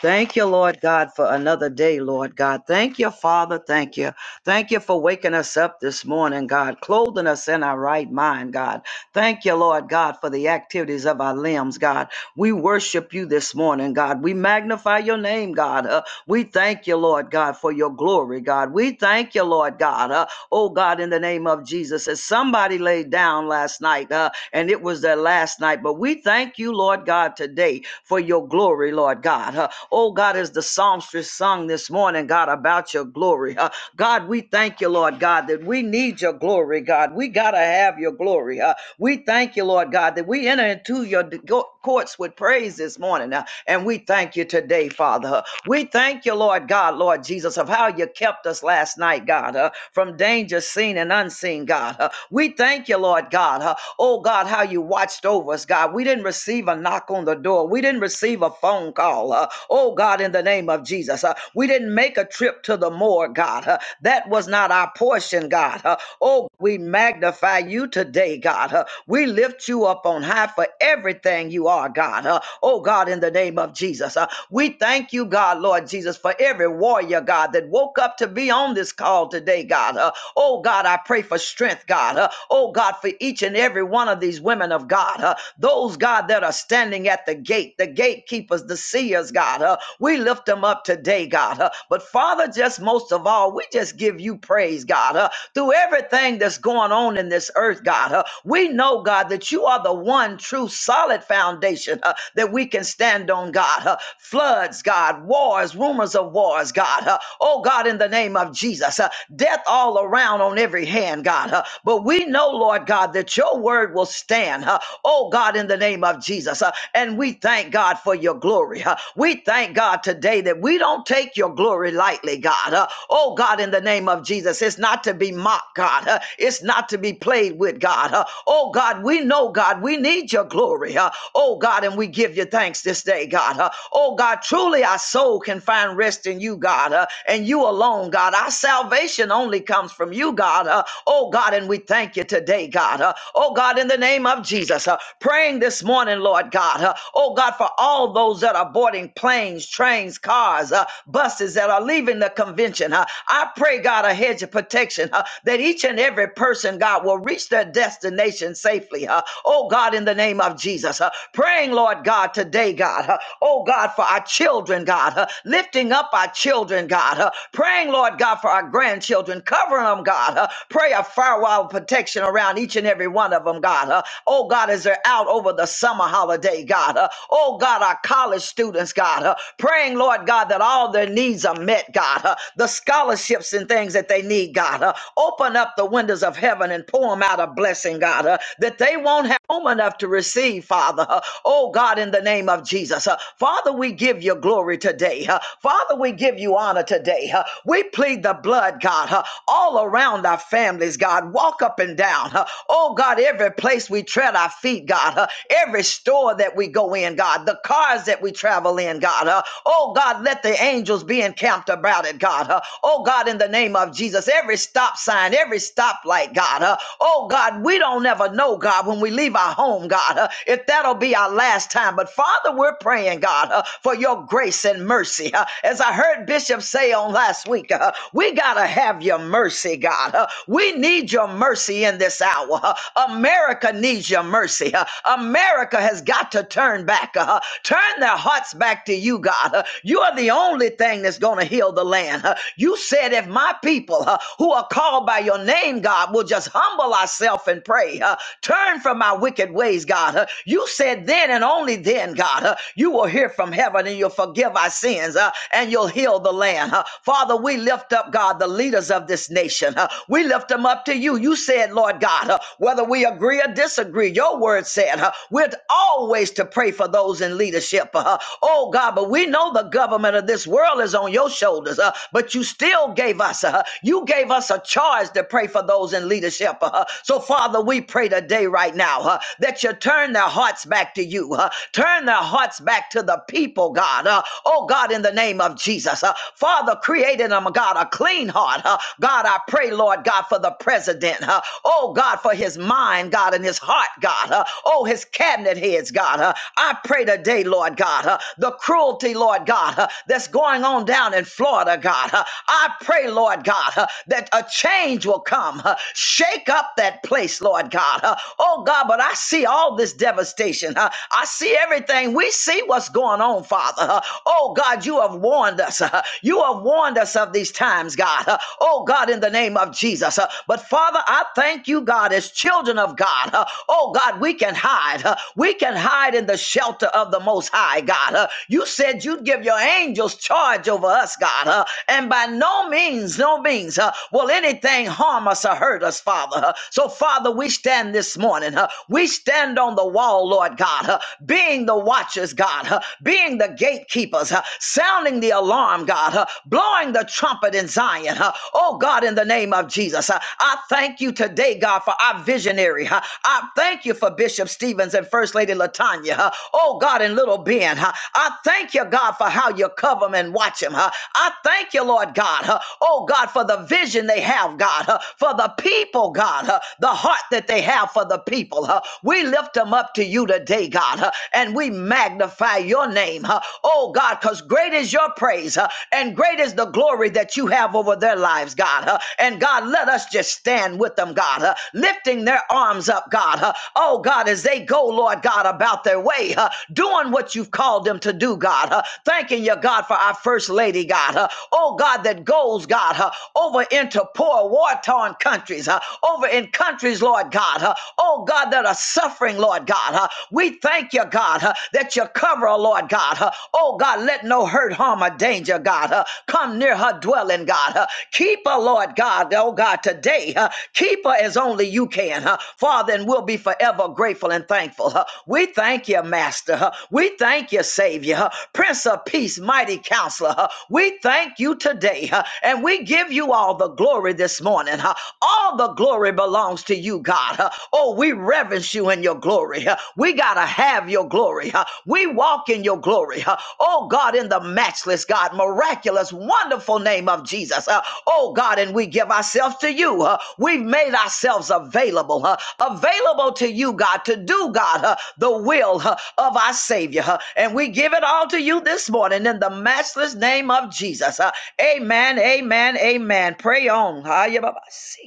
Speaker 7: Thank you, Lord God, for another day, Lord God. Thank you, Father. Thank you. Thank you for waking us up this morning, God, clothing us in our right mind, God. Thank you, Lord God, for the activities of our limbs, God. We worship you this morning, God. We magnify your name, God. Uh, we thank you, Lord God, for your glory, God. We thank you, Lord God. Uh, oh, God, in the name of Jesus, as somebody laid down last night, uh, and it was their last night, but we thank you, Lord God, today for your glory, Lord God. Uh, oh, God, as the songstress sung this morning, God, about your glory. Uh, God, we thank you, Lord God, that we need your glory, God. We got to have your glory. Uh, we thank you, Lord God, that we enter into your d- go- courts with praise this morning. uh, and we thank you today, Father. Uh, we thank you, Lord God, Lord Jesus, of how you kept us last night, God, uh, from danger seen and unseen, God. Uh, we thank you, Lord God. uh, oh, God, how you watched over us, God. We didn't receive a knock knock on the door. We didn't receive a phone call. uh, oh, God, in the name of Jesus. uh, we didn't make a trip to the morgue, God. uh, that was not our portion, God. uh, oh, we magnify you today, God. uh, we lift you up on high for everything you are, God. uh, oh, God, in the name of Jesus. uh, we thank you, God, Lord Jesus, for every warrior, God, that woke up to be on this call today, God. Uh, Oh God, I pray for strength, God. Uh, oh God, for each and every one of these women of God, uh, those God that are standing at the gate, the gatekeepers, the seers, God. Uh, we lift them up today, God. Uh, but Father, just most of all, we just give you praise, God. Uh, through everything that's going on in this earth, God, uh, we know, God, that you are the one true solid foundation uh, that we can stand on, God. Uh, floods, God, wars, rumors of wars, God. Uh, oh God, in the name of Jesus. Jesus. Uh, death all around on every hand, God. Uh, but we know, Lord God, that your word will stand. Uh, oh, God, in the name of Jesus. Uh, and we thank God for your glory. Uh, we thank God today that we don't take your glory lightly, God. Uh, oh, God, in the name of Jesus. It's not to be mocked, God. Uh, it's not to be played with, God. Uh, oh, God, we know, God, we need your glory. Uh, oh, God, and we give you thanks this day, God. Uh, oh, God, truly our soul can find rest in you, God. Uh, and you alone, God. Our salvation only comes from you, God. Uh, oh, God, and we thank you today, God. Uh, oh, God, in the name of Jesus, uh, praying this morning, Lord God. Uh, oh, God, for all those that are boarding planes, trains, cars, uh, buses that are leaving the convention. Uh, I pray, God, a hedge of protection uh, that each and every person, God, will reach their destination safely. Uh, oh, God, in the name of Jesus. Uh, praying, Lord God, today, God. Uh, oh, God, for our children, God. Uh, lifting lifting up our children, God, uh, praying, Lord God, for our grandchildren, covering them, God, uh, pray a firewall of protection around each and every one of them, God. Uh, oh, God, as they're out over the summer holiday, God. Uh, oh, God, our college students, God, uh, praying, Lord God, that all their needs are met, God. Uh, the scholarships and things that they need, God. Uh, open up the windows of heaven and pour them out a blessing, God, uh, that they won't have home enough to receive, Father. Uh, oh, God, in the name of Jesus. Uh, Father, we give you glory today. Uh, Father, we give you honor today. Uh, We plead the blood, God, uh, all around our families, God. Walk up and down. Uh, Oh, God, every place we tread our feet, God. Uh, Every store that we go in, God. The cars that we travel in, God. Uh, Oh, God, let the angels be encamped about it, God. Uh, Oh, God, in the name of Jesus, every stop sign, every stoplight, God. Uh, Oh, God, we don't ever know, God, when we leave our home, God, uh, if that'll be our last time. But Father, we're praying praying, God, uh, for your grace and mercy. Uh, as I heard Bishop say on last week, uh, we got to have your mercy, God. Uh, we need your mercy in this hour. Uh, America needs your mercy. Uh, America has got to turn back, uh, turn their hearts back to you, God. Uh, you are the only thing that's going to heal the land. Uh, you said, if my people uh, who are called by your name, God, will just humble ourselves and pray, uh, turn from our wicked ways, God. Uh, you said then and and only then, God, uh, you will hear from heaven and you'll forgive our sins uh, and you'll heal the land. uh. Father, we lift up, God, the leaders of this nation. uh. we lift them up to you. You said, Lord God, uh, whether we agree or disagree, your word said uh, we're always to pray for those in leadership. uh. oh, God, but we know the government of this world is on your shoulders, uh, but you still gave us, uh, you gave us a charge to pray for those in leadership. uh. so, Father, we pray today, right now, uh, that you turn Turn their hearts back to you. uh, turn their hearts back to the people, God. Uh, oh, God, in the name of Jesus. Uh, Father, create in them, God, a clean heart. Uh, God, I pray, Lord God, for the president. Uh, oh, God, for his mind, God, and his heart, God. Uh, oh, his cabinet heads, God. Uh, I pray today, Lord God, uh, the cruelty, Lord God, uh, that's going on down in Florida, God. Uh, I pray, Lord God, uh, that a change will come. Uh, shake up that place, Lord God. Uh, oh, Oh God, but I see all this devastation. huh? I see everything. We see what's going on, Father. huh? Oh God, you have warned us. huh? You have warned us of these times, God. huh? Oh God, in the name of Jesus. huh? But Father, I thank you, God, as children of God. huh? Oh God, we can hide. huh? We can hide in the shelter of the Most High, God. huh? You said you'd give your angels charge over us, God. huh? And by no means, no means uh, will anything harm us or hurt us, Father. huh? So, Father, Father, we stand this morning. huh? We stand on the wall, Lord God, huh? being the watchers, God, huh? being the gatekeepers, huh? sounding the alarm, God, huh? blowing the trumpet in Zion. huh? Oh, God, in the name of Jesus, huh? I thank you today, God, for our visionary. huh? I thank you for Bishop Stevens and First Lady Latanya. huh? Oh, God, and little Ben. huh? I thank you, God, for how you cover him and watch him. huh? I thank you, Lord God. huh? Oh, God, for the vision they have, God, huh? for the people people, God, uh, the heart that they have for the people. uh, we lift them up to you today, God, uh, and we magnify your name. uh, oh, God, because great is your praise uh, and great is the glory that you have over their lives, God. uh, and God, let us just stand with them, God, uh, lifting their arms up, God. uh, oh, God, as they go, Lord God, about their way, uh, doing what you've called them to do, God. uh, thanking you, God, for our first lady, God. uh, oh, God, that goes, God, uh, over into poor, war torn countries, uh, over in countries, Lord God, uh, oh God, that are suffering, Lord God. uh, we thank you, God, uh, that you cover her, Lord God. uh, oh God, let no hurt, harm, or danger, God, uh, come near her dwelling, God. uh, keep her, Lord God, oh God, today. uh, keep her as only you can, uh, Father, and we'll be forever grateful and thankful. uh, we thank you, Master. uh, we thank you, Savior, uh, Prince of Peace, mighty counselor. uh, we thank you today, uh, and we we give you all the glory this morning. huh? All the glory belongs to you, God. huh? Oh, we reverence you in your glory. huh? We got to have your glory. huh? We walk in your glory. huh? Oh, God, in the matchless, God, miraculous, wonderful name of Jesus. huh? Oh, God, and we give ourselves to you. huh? We've made ourselves available, huh? available to you, God, to do, God, huh? the will huh, of our Savior. huh? And we give it all to you this morning in the matchless name of Jesus. huh? Amen. Amen. Amen. Pray on. Ha, ya, ba, ba, See.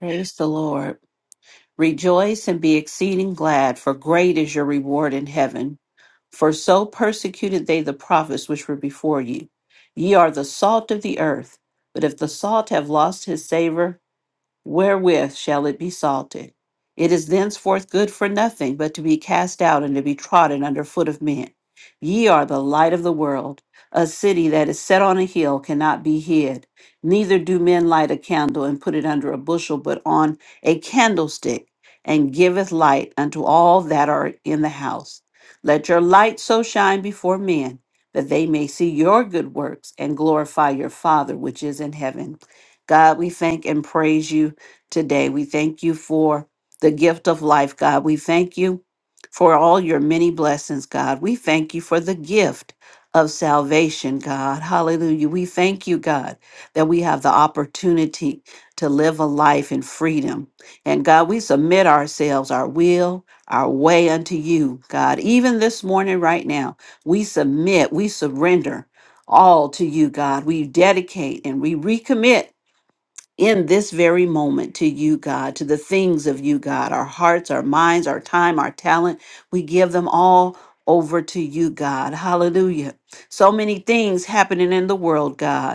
Speaker 4: Praise the Lord. Rejoice and be exceeding glad, for great is your reward in heaven. For so persecuted they the prophets which were before you. Ye are the salt of the earth. But if the salt have lost his savor, wherewith shall it be salted? It is thenceforth good for nothing but to be cast out and to be trodden under foot of men. Ye are the light of the world. A city that is set on a hill cannot be hid. Neither do men light a candle and put it under a bushel, but on a candlestick, and giveth light unto all that are in the house. Let your light so shine before men that they may see your good works and glorify your Father which is in heaven. God, we thank and praise you today. We thank you for the gift of life, God. We thank you for all your many blessings, God. We thank you for the gift of salvation, God. Hallelujah. We thank you, God, that we have the opportunity to live a life in freedom. And God, we submit ourselves, our will, our way unto you, God. Even this morning, right now, we submit, we surrender all to you, God. We dedicate and we recommit in this very moment to you, God, to the things of you, God, our hearts, our minds, our time, our talent. We give them all over to you, God. Hallelujah. So many things happening in the world, God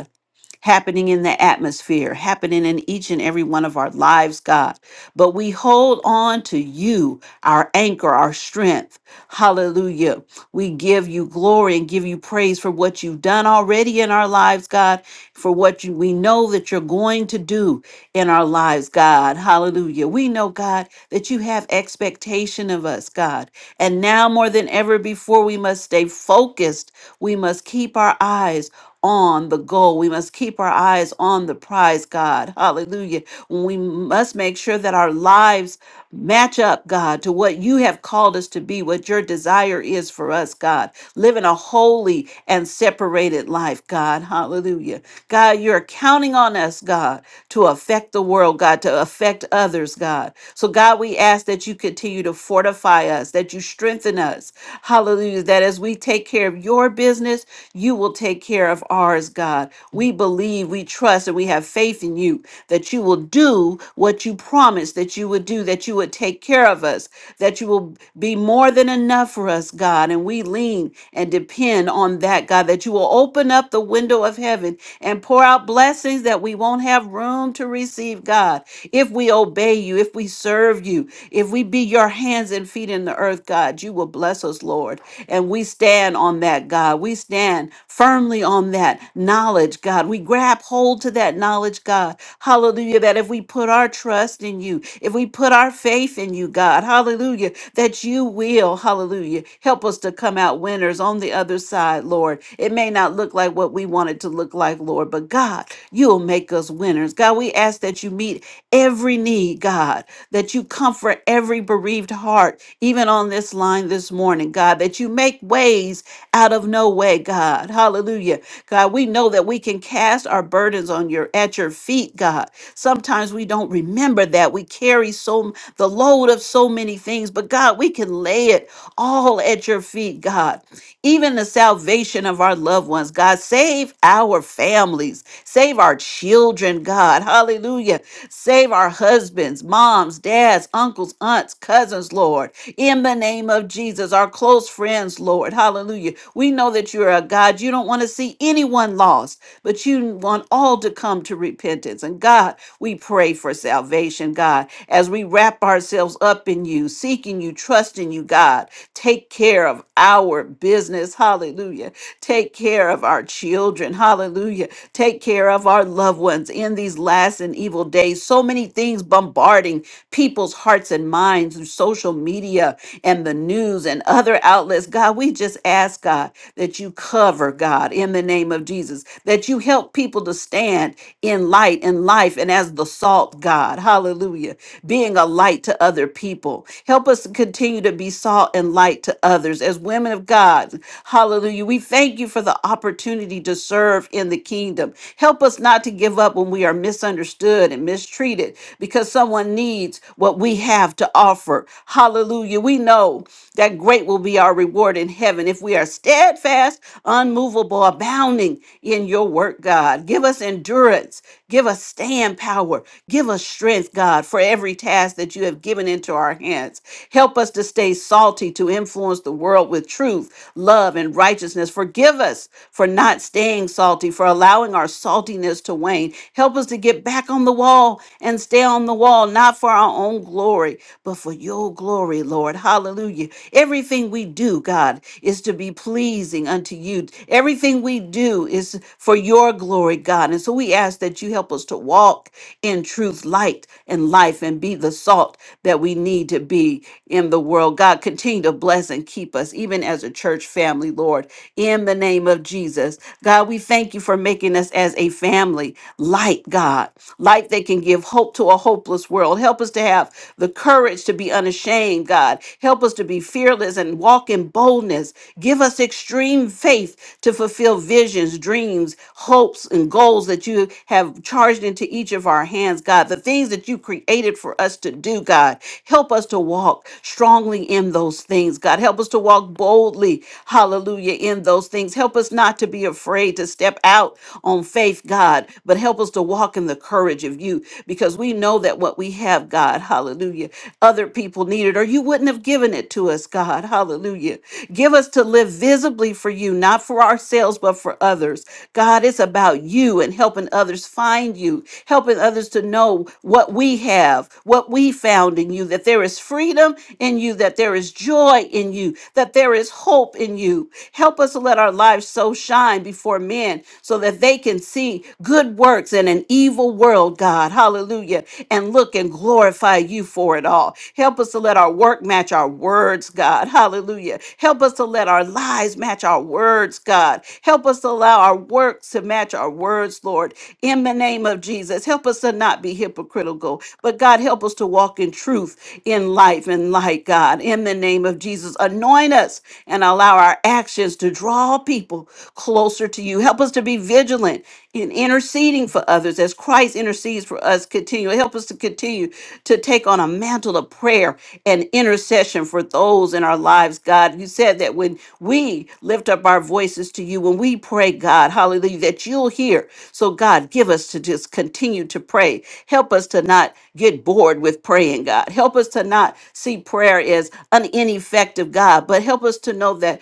Speaker 4: happening in the atmosphere, happening in each and every one of our lives, God. But we hold on to you, our anchor, our strength. Hallelujah. We give you glory and give you praise for what you've done already in our lives, God, for what you, we know that you're going to do in our lives, God. Hallelujah. We know, God, that you have expectation of us, God. And now more than ever before, we must stay focused. We must keep our eyes on the goal. We must keep our eyes on the prize, God. Hallelujah. We must make sure that our lives Match up, God, to what you have called us to be, what your desire is for us, God. Living a holy and separated life, God. Hallelujah. God, you're counting on us, God, to affect the world, God, to affect others, God. So, God, we ask that you continue to fortify us, that you strengthen us. Hallelujah. That as we take care of your business, you will take care of ours, God. We believe, we trust, and we have faith in you that that you will do what you promised that you would do, that you would take care of us, that you will be more than enough for us, God. And we lean and depend on that, God, that you will open up the window of heaven and pour out blessings that we won't have room to receive, God. If we obey you, if we serve you, if we be your hands and feet in the earth, God, you will bless us, Lord. And we stand on that, God. We stand firmly on that knowledge knowledge, God. We grab hold to that knowledge, God. Hallelujah. That if we put our trust in you, if we put our faith in you, God, hallelujah, that you will, hallelujah, help us to come out winners on the other side, Lord. It may not look like what we want it to look like, Lord, but God, you'll make us winners. God, we ask that you meet every need, God, that you comfort every bereaved heart, even on this line this morning, God, that you make ways out of no way, God. Hallelujah. God, we know that we can cast our burdens on your at your feet, God. Sometimes we don't remember that. We carry so the load of so many things, but God, we can lay it all at your feet, God. Even the salvation of our loved ones, God, save our families, save our children, God. Hallelujah. Save our husbands, moms, dads, uncles, aunts, cousins, Lord. In the name of Jesus, our close close friends, Lord. Hallelujah. We know that you're a God. You don't want to see anyone lost, but you want all to come to repentance. And God, we pray for salvation, God, as we wrap ourselves up in you, seeking you, trusting you, God. Take care of our business. Hallelujah. Take care of our children. Hallelujah. Take care of our loved ones in these last and evil days. So many things bombarding people's hearts and minds through social media media and the news and other outlets. God, we just ask, God, that you cover, God, in the name of Jesus, that you help people to stand in light and life and as the salt, God. Hallelujah. Being a light to other people. Help us to continue to be salt and light to others as women of God. Hallelujah. We thank you for the opportunity to serve in the kingdom. Help us not to give up when we are misunderstood and mistreated because someone needs what we have have to offer. Hallelujah. We know that great will be our reward in heaven if we are steadfast, unmovable, abounding in your work, God. Give us endurance. Give us stand power. Give us strength, God, for every task that you have given into our hands. Help us to stay salty, to influence the world with truth, love, and righteousness. Forgive us for not staying salty, for allowing our saltiness to wane. Help us to get back on the wall and stay on the wall wall, not for our own glory, but for your glory, Lord. Hallelujah. Everything we do, God, is to be pleasing unto you. Everything we do is for your glory, God. And so we ask that you help us to walk in truth, light, and life, and be the salt that we need to be in the world. God, continue to bless and keep us, even as a church family, Lord, in the name of Jesus. God, we thank you for making us as a family, light, God life they can give hope to a hopeless world. Help us to have the courage to be unashamed, God. Help us to be fearless and walk in boldness. Give us extreme faith to fulfill visions, dreams, hopes, and goals that you have charged into each of our hands, God. The things that you created for us to do, God. Help us to walk strongly in those things, God. Help us to walk boldly, hallelujah, in those things. Help us not to be afraid to step out on faith, God. God, but help us to walk in the courage of you because we know that what we have, God, hallelujah, other people need it or you wouldn't have given it to us, God, hallelujah. Give us to live visibly for you, not for ourselves, but for others. God, it's about you and helping others find you, helping others to know what we have, what we found in you, that there is freedom in you, that there is joy in you, that there is hope in you. Help us to let our lives so shine before men men so that they can see good works in an evil world, God. Hallelujah. And look and glorify you for it all. Help us to let our work match our words, God. Hallelujah. Help us to let our lives match our words, God. Help us to allow our works to match our words, Lord. In the name of Jesus, help us to not be hypocritical, but God, help us to walk in truth, in life, and light, God. In the name of Jesus, anoint us and allow our actions to draw people people closer to you. Help us to be vigilant in interceding for others as Christ intercedes for us continually. Help us to continue to take on a mantle of prayer and intercession for those in our lives, God. You said that when we lift up our voices to you, when we pray, God, hallelujah, that you'll hear. So, God, give us to just continue to pray. Help us to not get bored with praying, God. Help us to not see prayer as an ineffective God, but help us to know that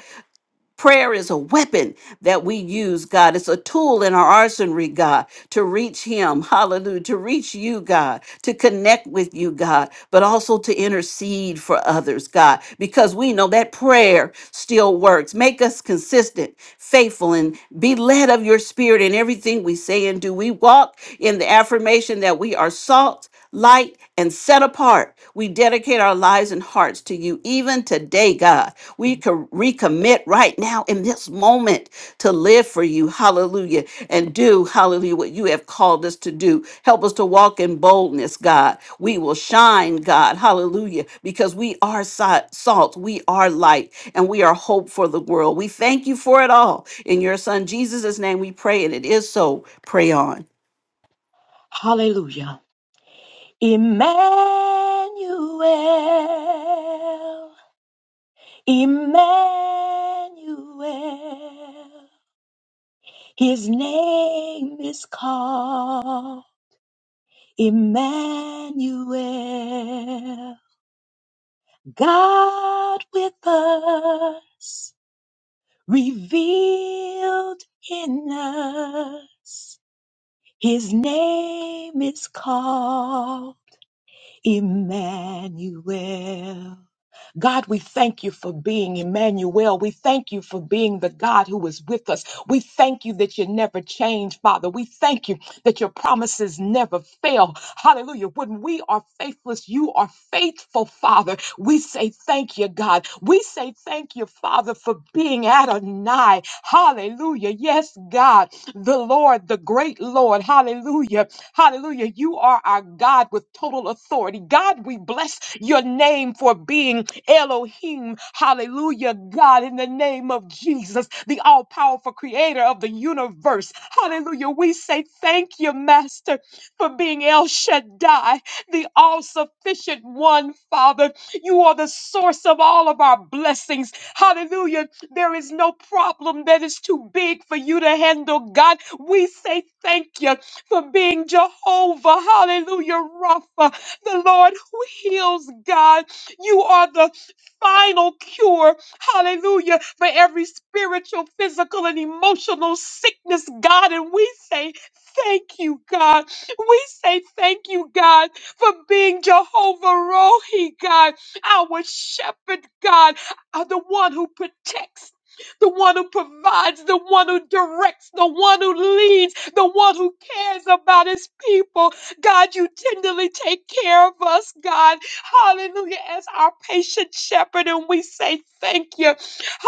Speaker 4: Prayer is a weapon that we use, God. It's a tool in our arsenal, God, to reach Him. Hallelujah. To reach you, God, to connect with you, God, but also to intercede for others, God, because we know that prayer still works. Make us consistent, faithful, and be led of your spirit in everything we say and do. We walk in the affirmation that we are salt light, and set apart. We dedicate our lives and hearts to you even today, God. We co- recommit right now in this moment to live for you. Hallelujah. And do, hallelujah, what you have called us to do. Help us to walk in boldness, God. We will shine, God. Hallelujah. Because we are si- salt, we are light, and we are hope for the world. We thank you for it all. In your son Jesus' name we pray, and it is so. Pray on.
Speaker 8: Hallelujah. Emmanuel, Emmanuel, his name is called Emmanuel. God with us, revealed in us, his name is called Emmanuel. God, we thank you for being Emmanuel. We thank you for being the God who is with us. We thank you that you never change, Father. We thank you that your promises never fail. Hallelujah. When we are faithless, you are faithful, Father. We say thank you, God. We say thank you, Father, for being Adonai. Hallelujah. Yes, God, the Lord, the great Lord. Hallelujah. Hallelujah. You are our God with total authority. God, we bless your name for being Elohim, hallelujah, God, in the name of Jesus, the all powerful creator of the universe. Hallelujah. We say thank you, Master, for being El Shaddai, the all sufficient one, Father. You are the source of all of our blessings. Hallelujah. There is no problem that is too big for you to handle, God. We say thank you for being Jehovah. Hallelujah, Rapha, the Lord who heals, God. You are the final cure, hallelujah, for every spiritual, physical, and emotional sickness, God. And we say, Thank you, God. We say, Thank you, God, for being Jehovah Rohi, God, our shepherd, God, uh, the one who protects. The one who provides, the one who directs, the one who leads, the one who cares about his people. God, you tenderly take care of us, God. Hallelujah, as our patient shepherd, and we say thank you.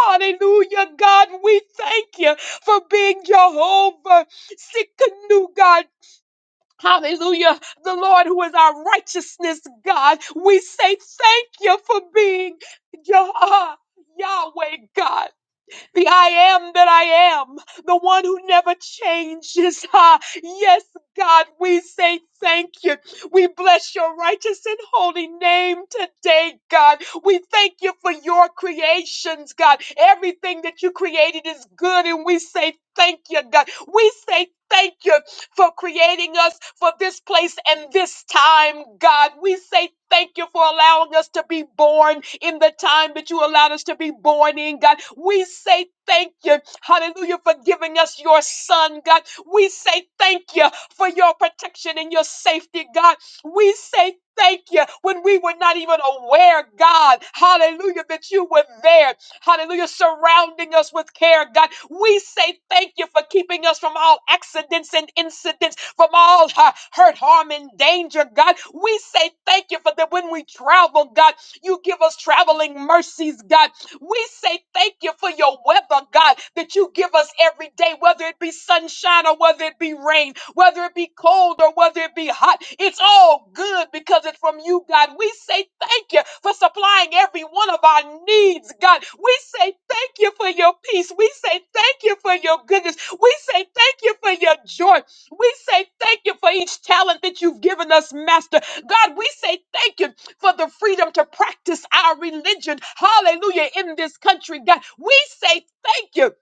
Speaker 8: Hallelujah, God, we thank you for being Jehovah Sikkenu, God. Hallelujah, the Lord who is our righteousness, God. We say thank you for being Jehovah. Yahweh God the I am that I am, the one who never changes. Ah, yes, God, we say thank you. We bless your righteous and holy name today, God. We thank you for your creations, God. Everything that you created is good, and we say thank you, God. We say thank you for creating us for this place and this time, God. We say thank you for allowing us to be born in the time that you allowed us to be born in, God. We say thank you, hallelujah, for giving us your son, God. We say thank you for your protection and your safety, God. We say thank you when we were not even aware, God. Hallelujah, that you were there. Hallelujah, surrounding us with care, God. We say thank you for keeping us from all accidents and incidents, from all uh, hurt, harm, and danger, God. We say thank you for that when we travel, God. You give us traveling mercies, God. We say thank you for your weather, God, that you give us every day, whether it be sunshine or whether it be rain, whether it be cold or whether it be hot. It's all good because it's from you, God. We say thank you for supplying every one of our needs, God. We say thank you for your peace. We say thank you for your goodness. We say thank you for your joy. We say thank you for each talent that you've given us, Master. God, we say thank you for the freedom to practice our religion. Hallelujah. In this country, God, we say thank you.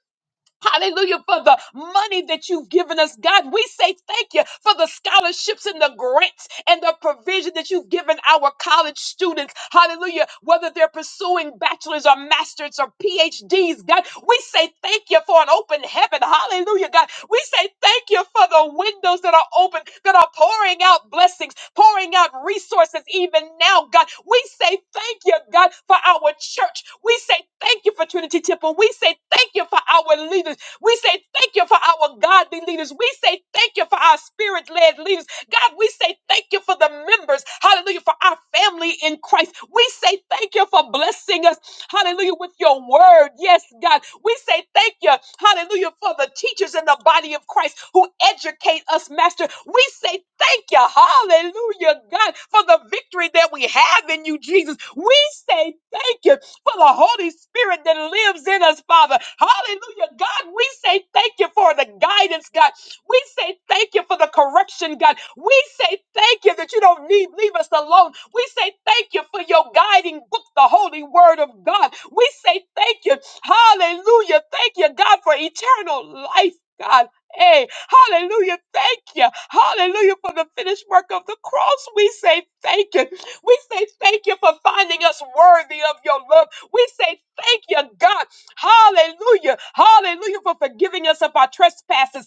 Speaker 8: Hallelujah for the money that you've given us, God. We say thank you for the scholarships and the grants and the provision that you've given our college students. Hallelujah. Whether they're pursuing bachelor's or master's or PhDs, God, we say thank you for an an open heaven. Hallelujah, God. We say thank you for the windows that are open, that are pouring out blessings, pouring out resources even now, God. We say thank you, God, for our church. We say thank you for Trinity Temple. We say thank you for our leaders. We say thank you for our godly leaders. We say thank you for our spirit led leaders. God, we say thank you for the members. Hallelujah. For our family in Christ. We say thank you for blessing us. Hallelujah. With your word. Yes, God. We say thank you. Hallelujah. For the teachers in the body of Christ who educate us, Master. We say thank you. Hallelujah, God, for the victory that we have in you, Jesus. We say thank you for the Holy Spirit that lives in us, Father. Hallelujah. God, we say thank you for the guidance, God. We say thank you for the correction, God. We say thank you that you don't need, leave us alone. We say thank you for your guiding book, the Holy Word of God. We say thank you. Hallelujah. Thank you, God, for eternal life, God. Hey, hallelujah. Thank you. Hallelujah for the finished work of the cross. We say thank you. We say thank you for finding us worthy of your love. We say thank you, God. Hallelujah. Hallelujah for forgiving us of our trespasses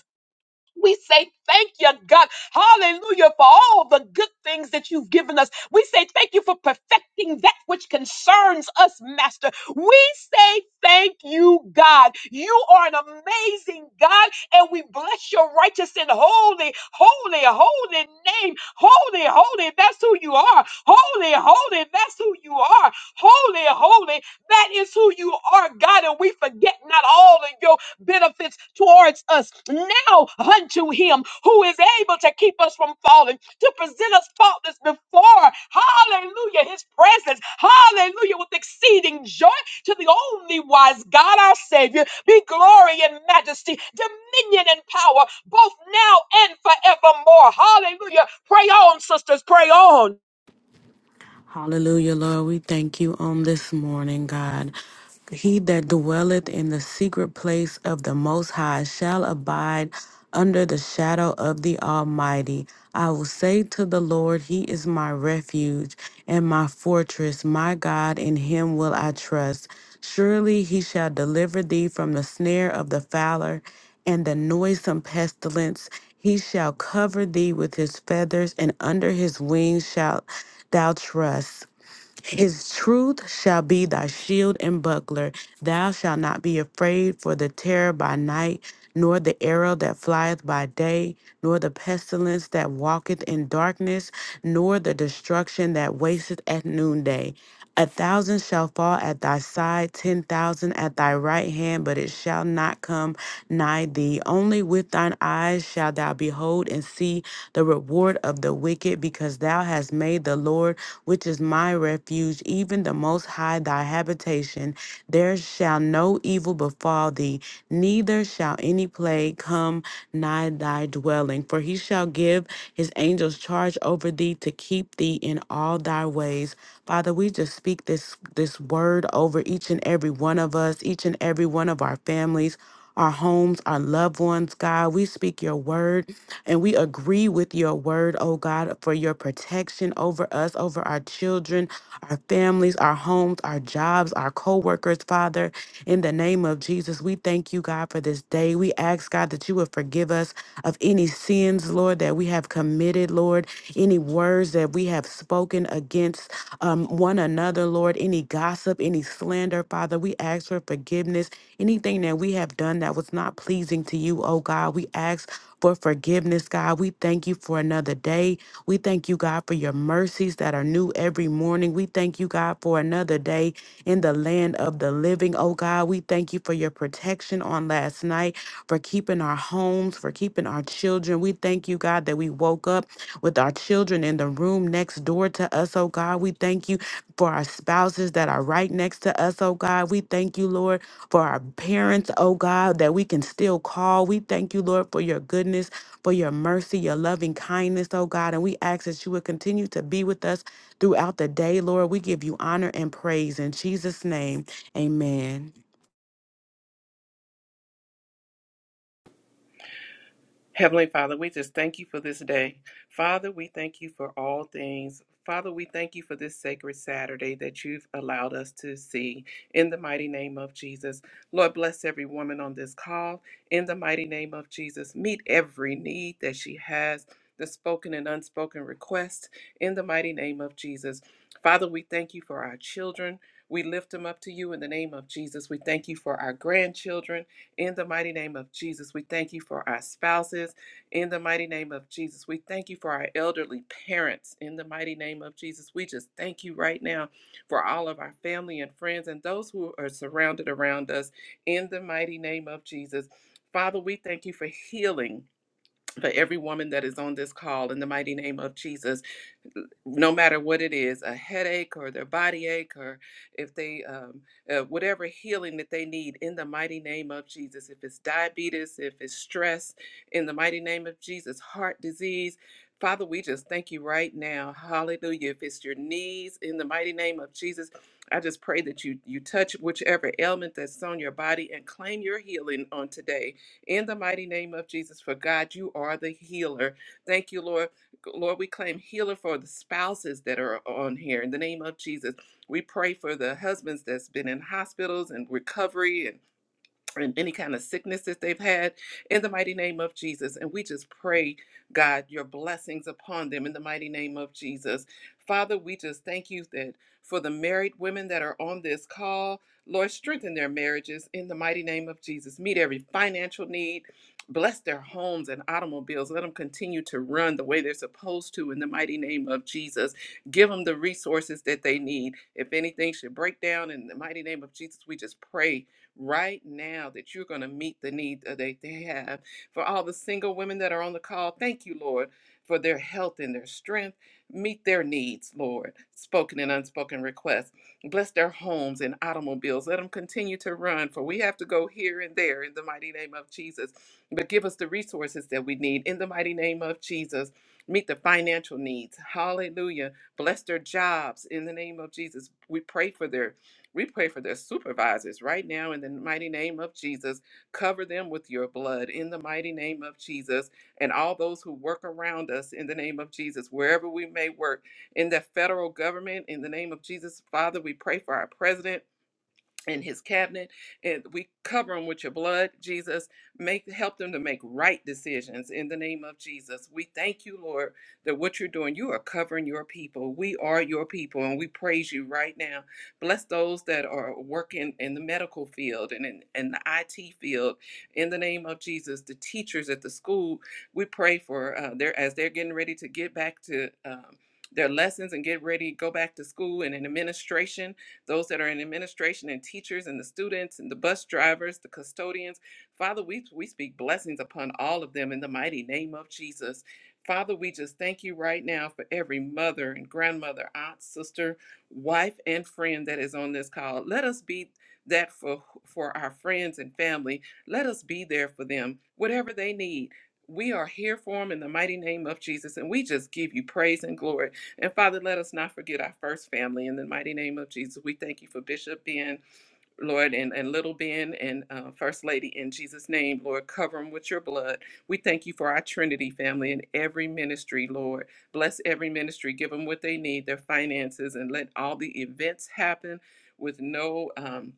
Speaker 8: we say thank you, God. Hallelujah for all the good things that you've given us. We say thank you for perfecting that which concerns us, Master. We say thank you, God. You are an amazing God, and we bless your righteous and holy, holy, holy name. Holy, holy, that's who you are. Holy, holy, that's who you are. Holy, holy, that is who you are, God. And we forget not all of your benefits towards us now unto him who is able to keep us from falling, to present us faultless before, hallelujah, his presence, hallelujah, with exceeding joy to the only wise God, our Savior, be glory and majesty, dominion and power, both now and forevermore. Hallelujah. Pray on, sisters, pray on.
Speaker 9: Hallelujah, Lord. We thank you on this morning, God. He that dwelleth in the secret place of the Most High shall abide under the shadow of the Almighty. I will say to the Lord, He is my refuge and my fortress, my God, in Him will I trust. Surely He shall deliver thee from the snare of the fowler and the noisome pestilence. He shall cover thee with his feathers, and under his wings shalt thou trust. His truth shall be thy shield and buckler. Thou shalt not be afraid for the terror by night, nor the arrow that flieth by day, nor the pestilence that walketh in darkness, nor the destruction that wasteth at noonday. A thousand shall fall at thy side, ten thousand at thy right hand, but it shall not come nigh thee. Only with thine eyes shalt thou behold and see the reward of the wicked, because thou hast made the Lord which is my refuge, even the Most High thy habitation. There shall no evil befall thee, neither shall any plague come nigh thy dwelling. For he shall give his angels charge over thee to keep thee in all thy ways. Father, we just speak this this word over each and every one of us, each and every one of our families our homes, our loved ones, God. We speak your word and we agree with your word, oh God, for your protection over us, over our children, our families, our homes, our jobs, our co workers, Father. In the name of Jesus, we thank you, God, for this day. We ask, God, that you would forgive us of any sins, Lord, that we have committed, Lord, any words that we have spoken against um, one another, Lord, any gossip, any slander, Father. We ask for forgiveness. Anything that we have done that was not pleasing to you, oh God, we ask for forgiveness, God. We thank you for another day. We thank you, God, for your mercies that are new every morning. We thank you, God, for another day in the land of the living, oh God. We thank you for your protection on last night for keeping our homes, for keeping our children. We thank you, God, that we woke up with our children in the room next door to us, oh God. We thank you for our spouses that are right next to us, oh God. We thank you, Lord, for our parents, oh God, that we can still call. We thank you, Lord, for your goodness, for your mercy, your loving kindness, oh God. And we ask that you would continue to be with us throughout the day, Lord. We give you honor and praise in Jesus' name. Amen.
Speaker 10: Heavenly Father, we just thank you for this day. Father, we thank you for all things. Father, we thank you for this sacred Saturday that you've allowed us to see in the mighty name of Jesus. Lord, bless every woman on this call in the mighty name of Jesus. Meet every need that she has, the spoken and unspoken requests. in the mighty name of Jesus. Father, we thank you for our children. We lift them up to you in the name of Jesus. We thank you for our grandchildren. In the mighty name of Jesus, we thank you for our spouses. In the mighty name of Jesus, we thank you for our elderly parents. In the mighty name of Jesus, we just thank you right now for all of our family and friends and those who are surrounded around us. In the mighty name of Jesus, Father, we thank you for healing. For every woman that is on this call, in the mighty name of Jesus no matter what it is a headache or their body ache or if they um, uh, whatever healing that they need in the mighty name of jesus if it's diabetes if it's stress in the mighty name of jesus heart disease father we just thank you right now hallelujah if it's your knees in the mighty name of jesus i just pray that you you touch whichever ailment that's on your body and claim your healing on today in the mighty name of jesus for god you are the healer thank you lord Lord, we claim healer for the spouses that are on here in the name of Jesus. We pray for the husbands that's been in hospitals and recovery and and any kind of sickness that they've had in the mighty name of Jesus. And we just pray, God, your blessings upon them in the mighty name of Jesus. Father, we just thank you that for the married women that are on this call, Lord, strengthen their marriages in the mighty name of Jesus. Meet every financial need. Bless their homes and automobiles. Let them continue to run the way they're supposed to in the mighty name of Jesus. Give them the resources that they need. If anything should break down in the mighty name of Jesus, we just pray right now that you're going to meet the need that they they have. For all the single women that are on the call, thank you, Lord, for their health and their strength. Meet their needs, Lord, spoken and unspoken requests. Bless their homes and automobiles. Let them continue to run, for we have to go here and there in the mighty name of Jesus. But give us the resources that we need in the mighty name of Jesus. Meet the financial needs. Hallelujah. Bless their jobs in the name of Jesus. We pray for their we pray for their supervisors right now in the mighty name of Jesus. Cover them with your blood in the mighty name of Jesus and all those who work around us in the name of Jesus, wherever we may work in the federal government in the name of Jesus. Father, we pray for our president in his cabinet and we cover them with your blood jesus make help them to make right decisions in the name of jesus we thank you lord that what you're doing you are covering your people we are your people and we praise you right now bless those that are working in the medical field and in, in the it field in the name of jesus the teachers at the school we pray for uh, their as they're getting ready to get back to um, their lessons and get ready go back to school and in administration those that are in administration and teachers and the students and the bus drivers, the custodians. Father, we, we speak blessings upon all of them in the mighty name of Jesus. Father, we just thank you right now for every mother and grandmother, aunt, sister, wife, and friend that is on this call. Let us be that for, for our friends and family. Let us be there for them, whatever they need. We are here for them in the mighty name of Jesus, and we just give you praise and glory. And Father, let us not forget our first family. In the mighty name of Jesus, we thank you for Bishop Ben, Lord, and, and little Ben, and uh, First Lady. In Jesus' name, Lord, cover them with your blood. We thank you for our Trinity family and every ministry, Lord. Bless every ministry. Give them what they need, their finances, and let all the events happen with no. Um,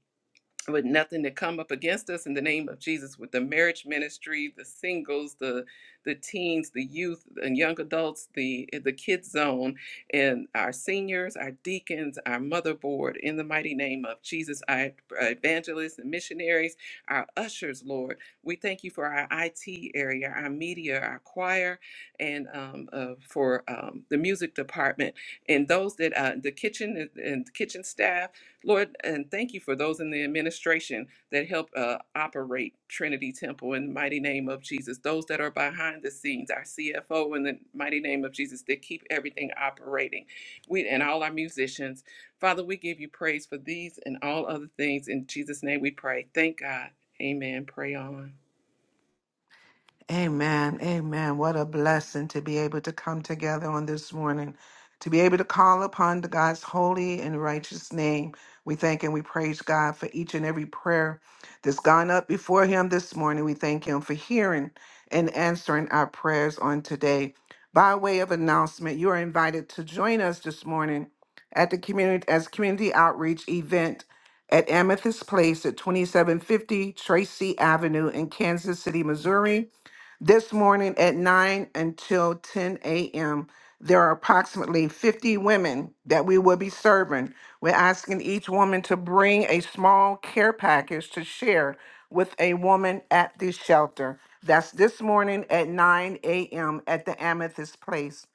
Speaker 10: with nothing to come up against us in the name of Jesus with the marriage ministry, the singles, the the teens, the youth and young adults, the the kids zone and our seniors, our deacons, our motherboard in the mighty name of Jesus, our evangelists and missionaries, our ushers, Lord. We thank you for our IT area, our media, our choir and um, uh, for um, the music department and those that uh, the kitchen and and kitchen staff Lord, and thank you for those in the administration that help uh, operate Trinity Temple in the mighty name of Jesus. Those that are behind the scenes, our CFO in the mighty name of Jesus, that keep everything operating. We and all our musicians, Father, we give you praise for these and all other things. In Jesus' name, we pray. Thank God. Amen. Pray on.
Speaker 3: Amen. Amen. What a blessing to be able to come together on this morning, to be able to call upon the God's holy and righteous name. We thank and we praise God for each and every prayer that's gone up before Him this morning. We thank Him for hearing and answering our prayers on today. By way of announcement, you are invited to join us this morning at the community as community outreach event at Amethyst Place at 2750 Tracy Avenue in Kansas City, Missouri. This morning at 9 until 10 a.m., there are approximately 50 women that we will be serving. We're asking each woman to bring a small care package to share with a woman at the shelter. That's this morning at 9 a.m. at the Amethyst Place.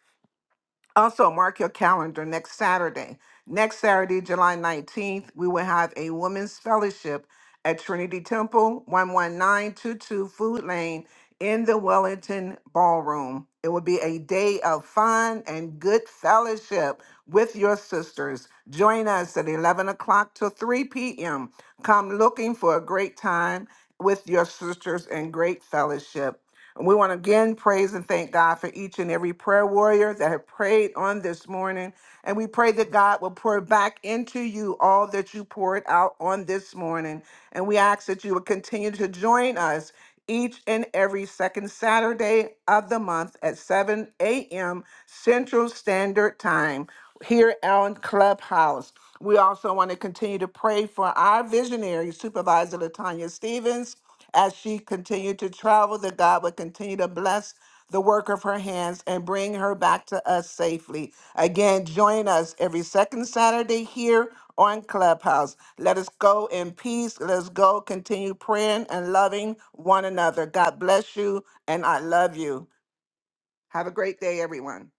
Speaker 3: Also, mark your calendar next Saturday. Next Saturday, July 19th, we will have a women's fellowship at Trinity Temple, 11922 Food Lane in the Wellington Ballroom. It will be a day of fun and good fellowship with your sisters. Join us at 11 o'clock to 3 p.m. Come looking for a great time with your sisters and great fellowship. And we want to again praise and thank God for each and every prayer warrior that have prayed on this morning. And we pray that God will pour back into you all that you poured out on this morning. And we ask that you will continue to join us each and every second Saturday of the month at 7 a.m. Central Standard Time here on Clubhouse. We also want to continue to pray for our visionary, Supervisor Latanya Stevens, as she continued to travel, that God would continue to bless the work of her hands and bring her back to us safely. Again, join us every second Saturday here on Clubhouse. Let us go in peace. Let us go continue praying and loving one another. God bless you, and I love you. Have a great day, everyone.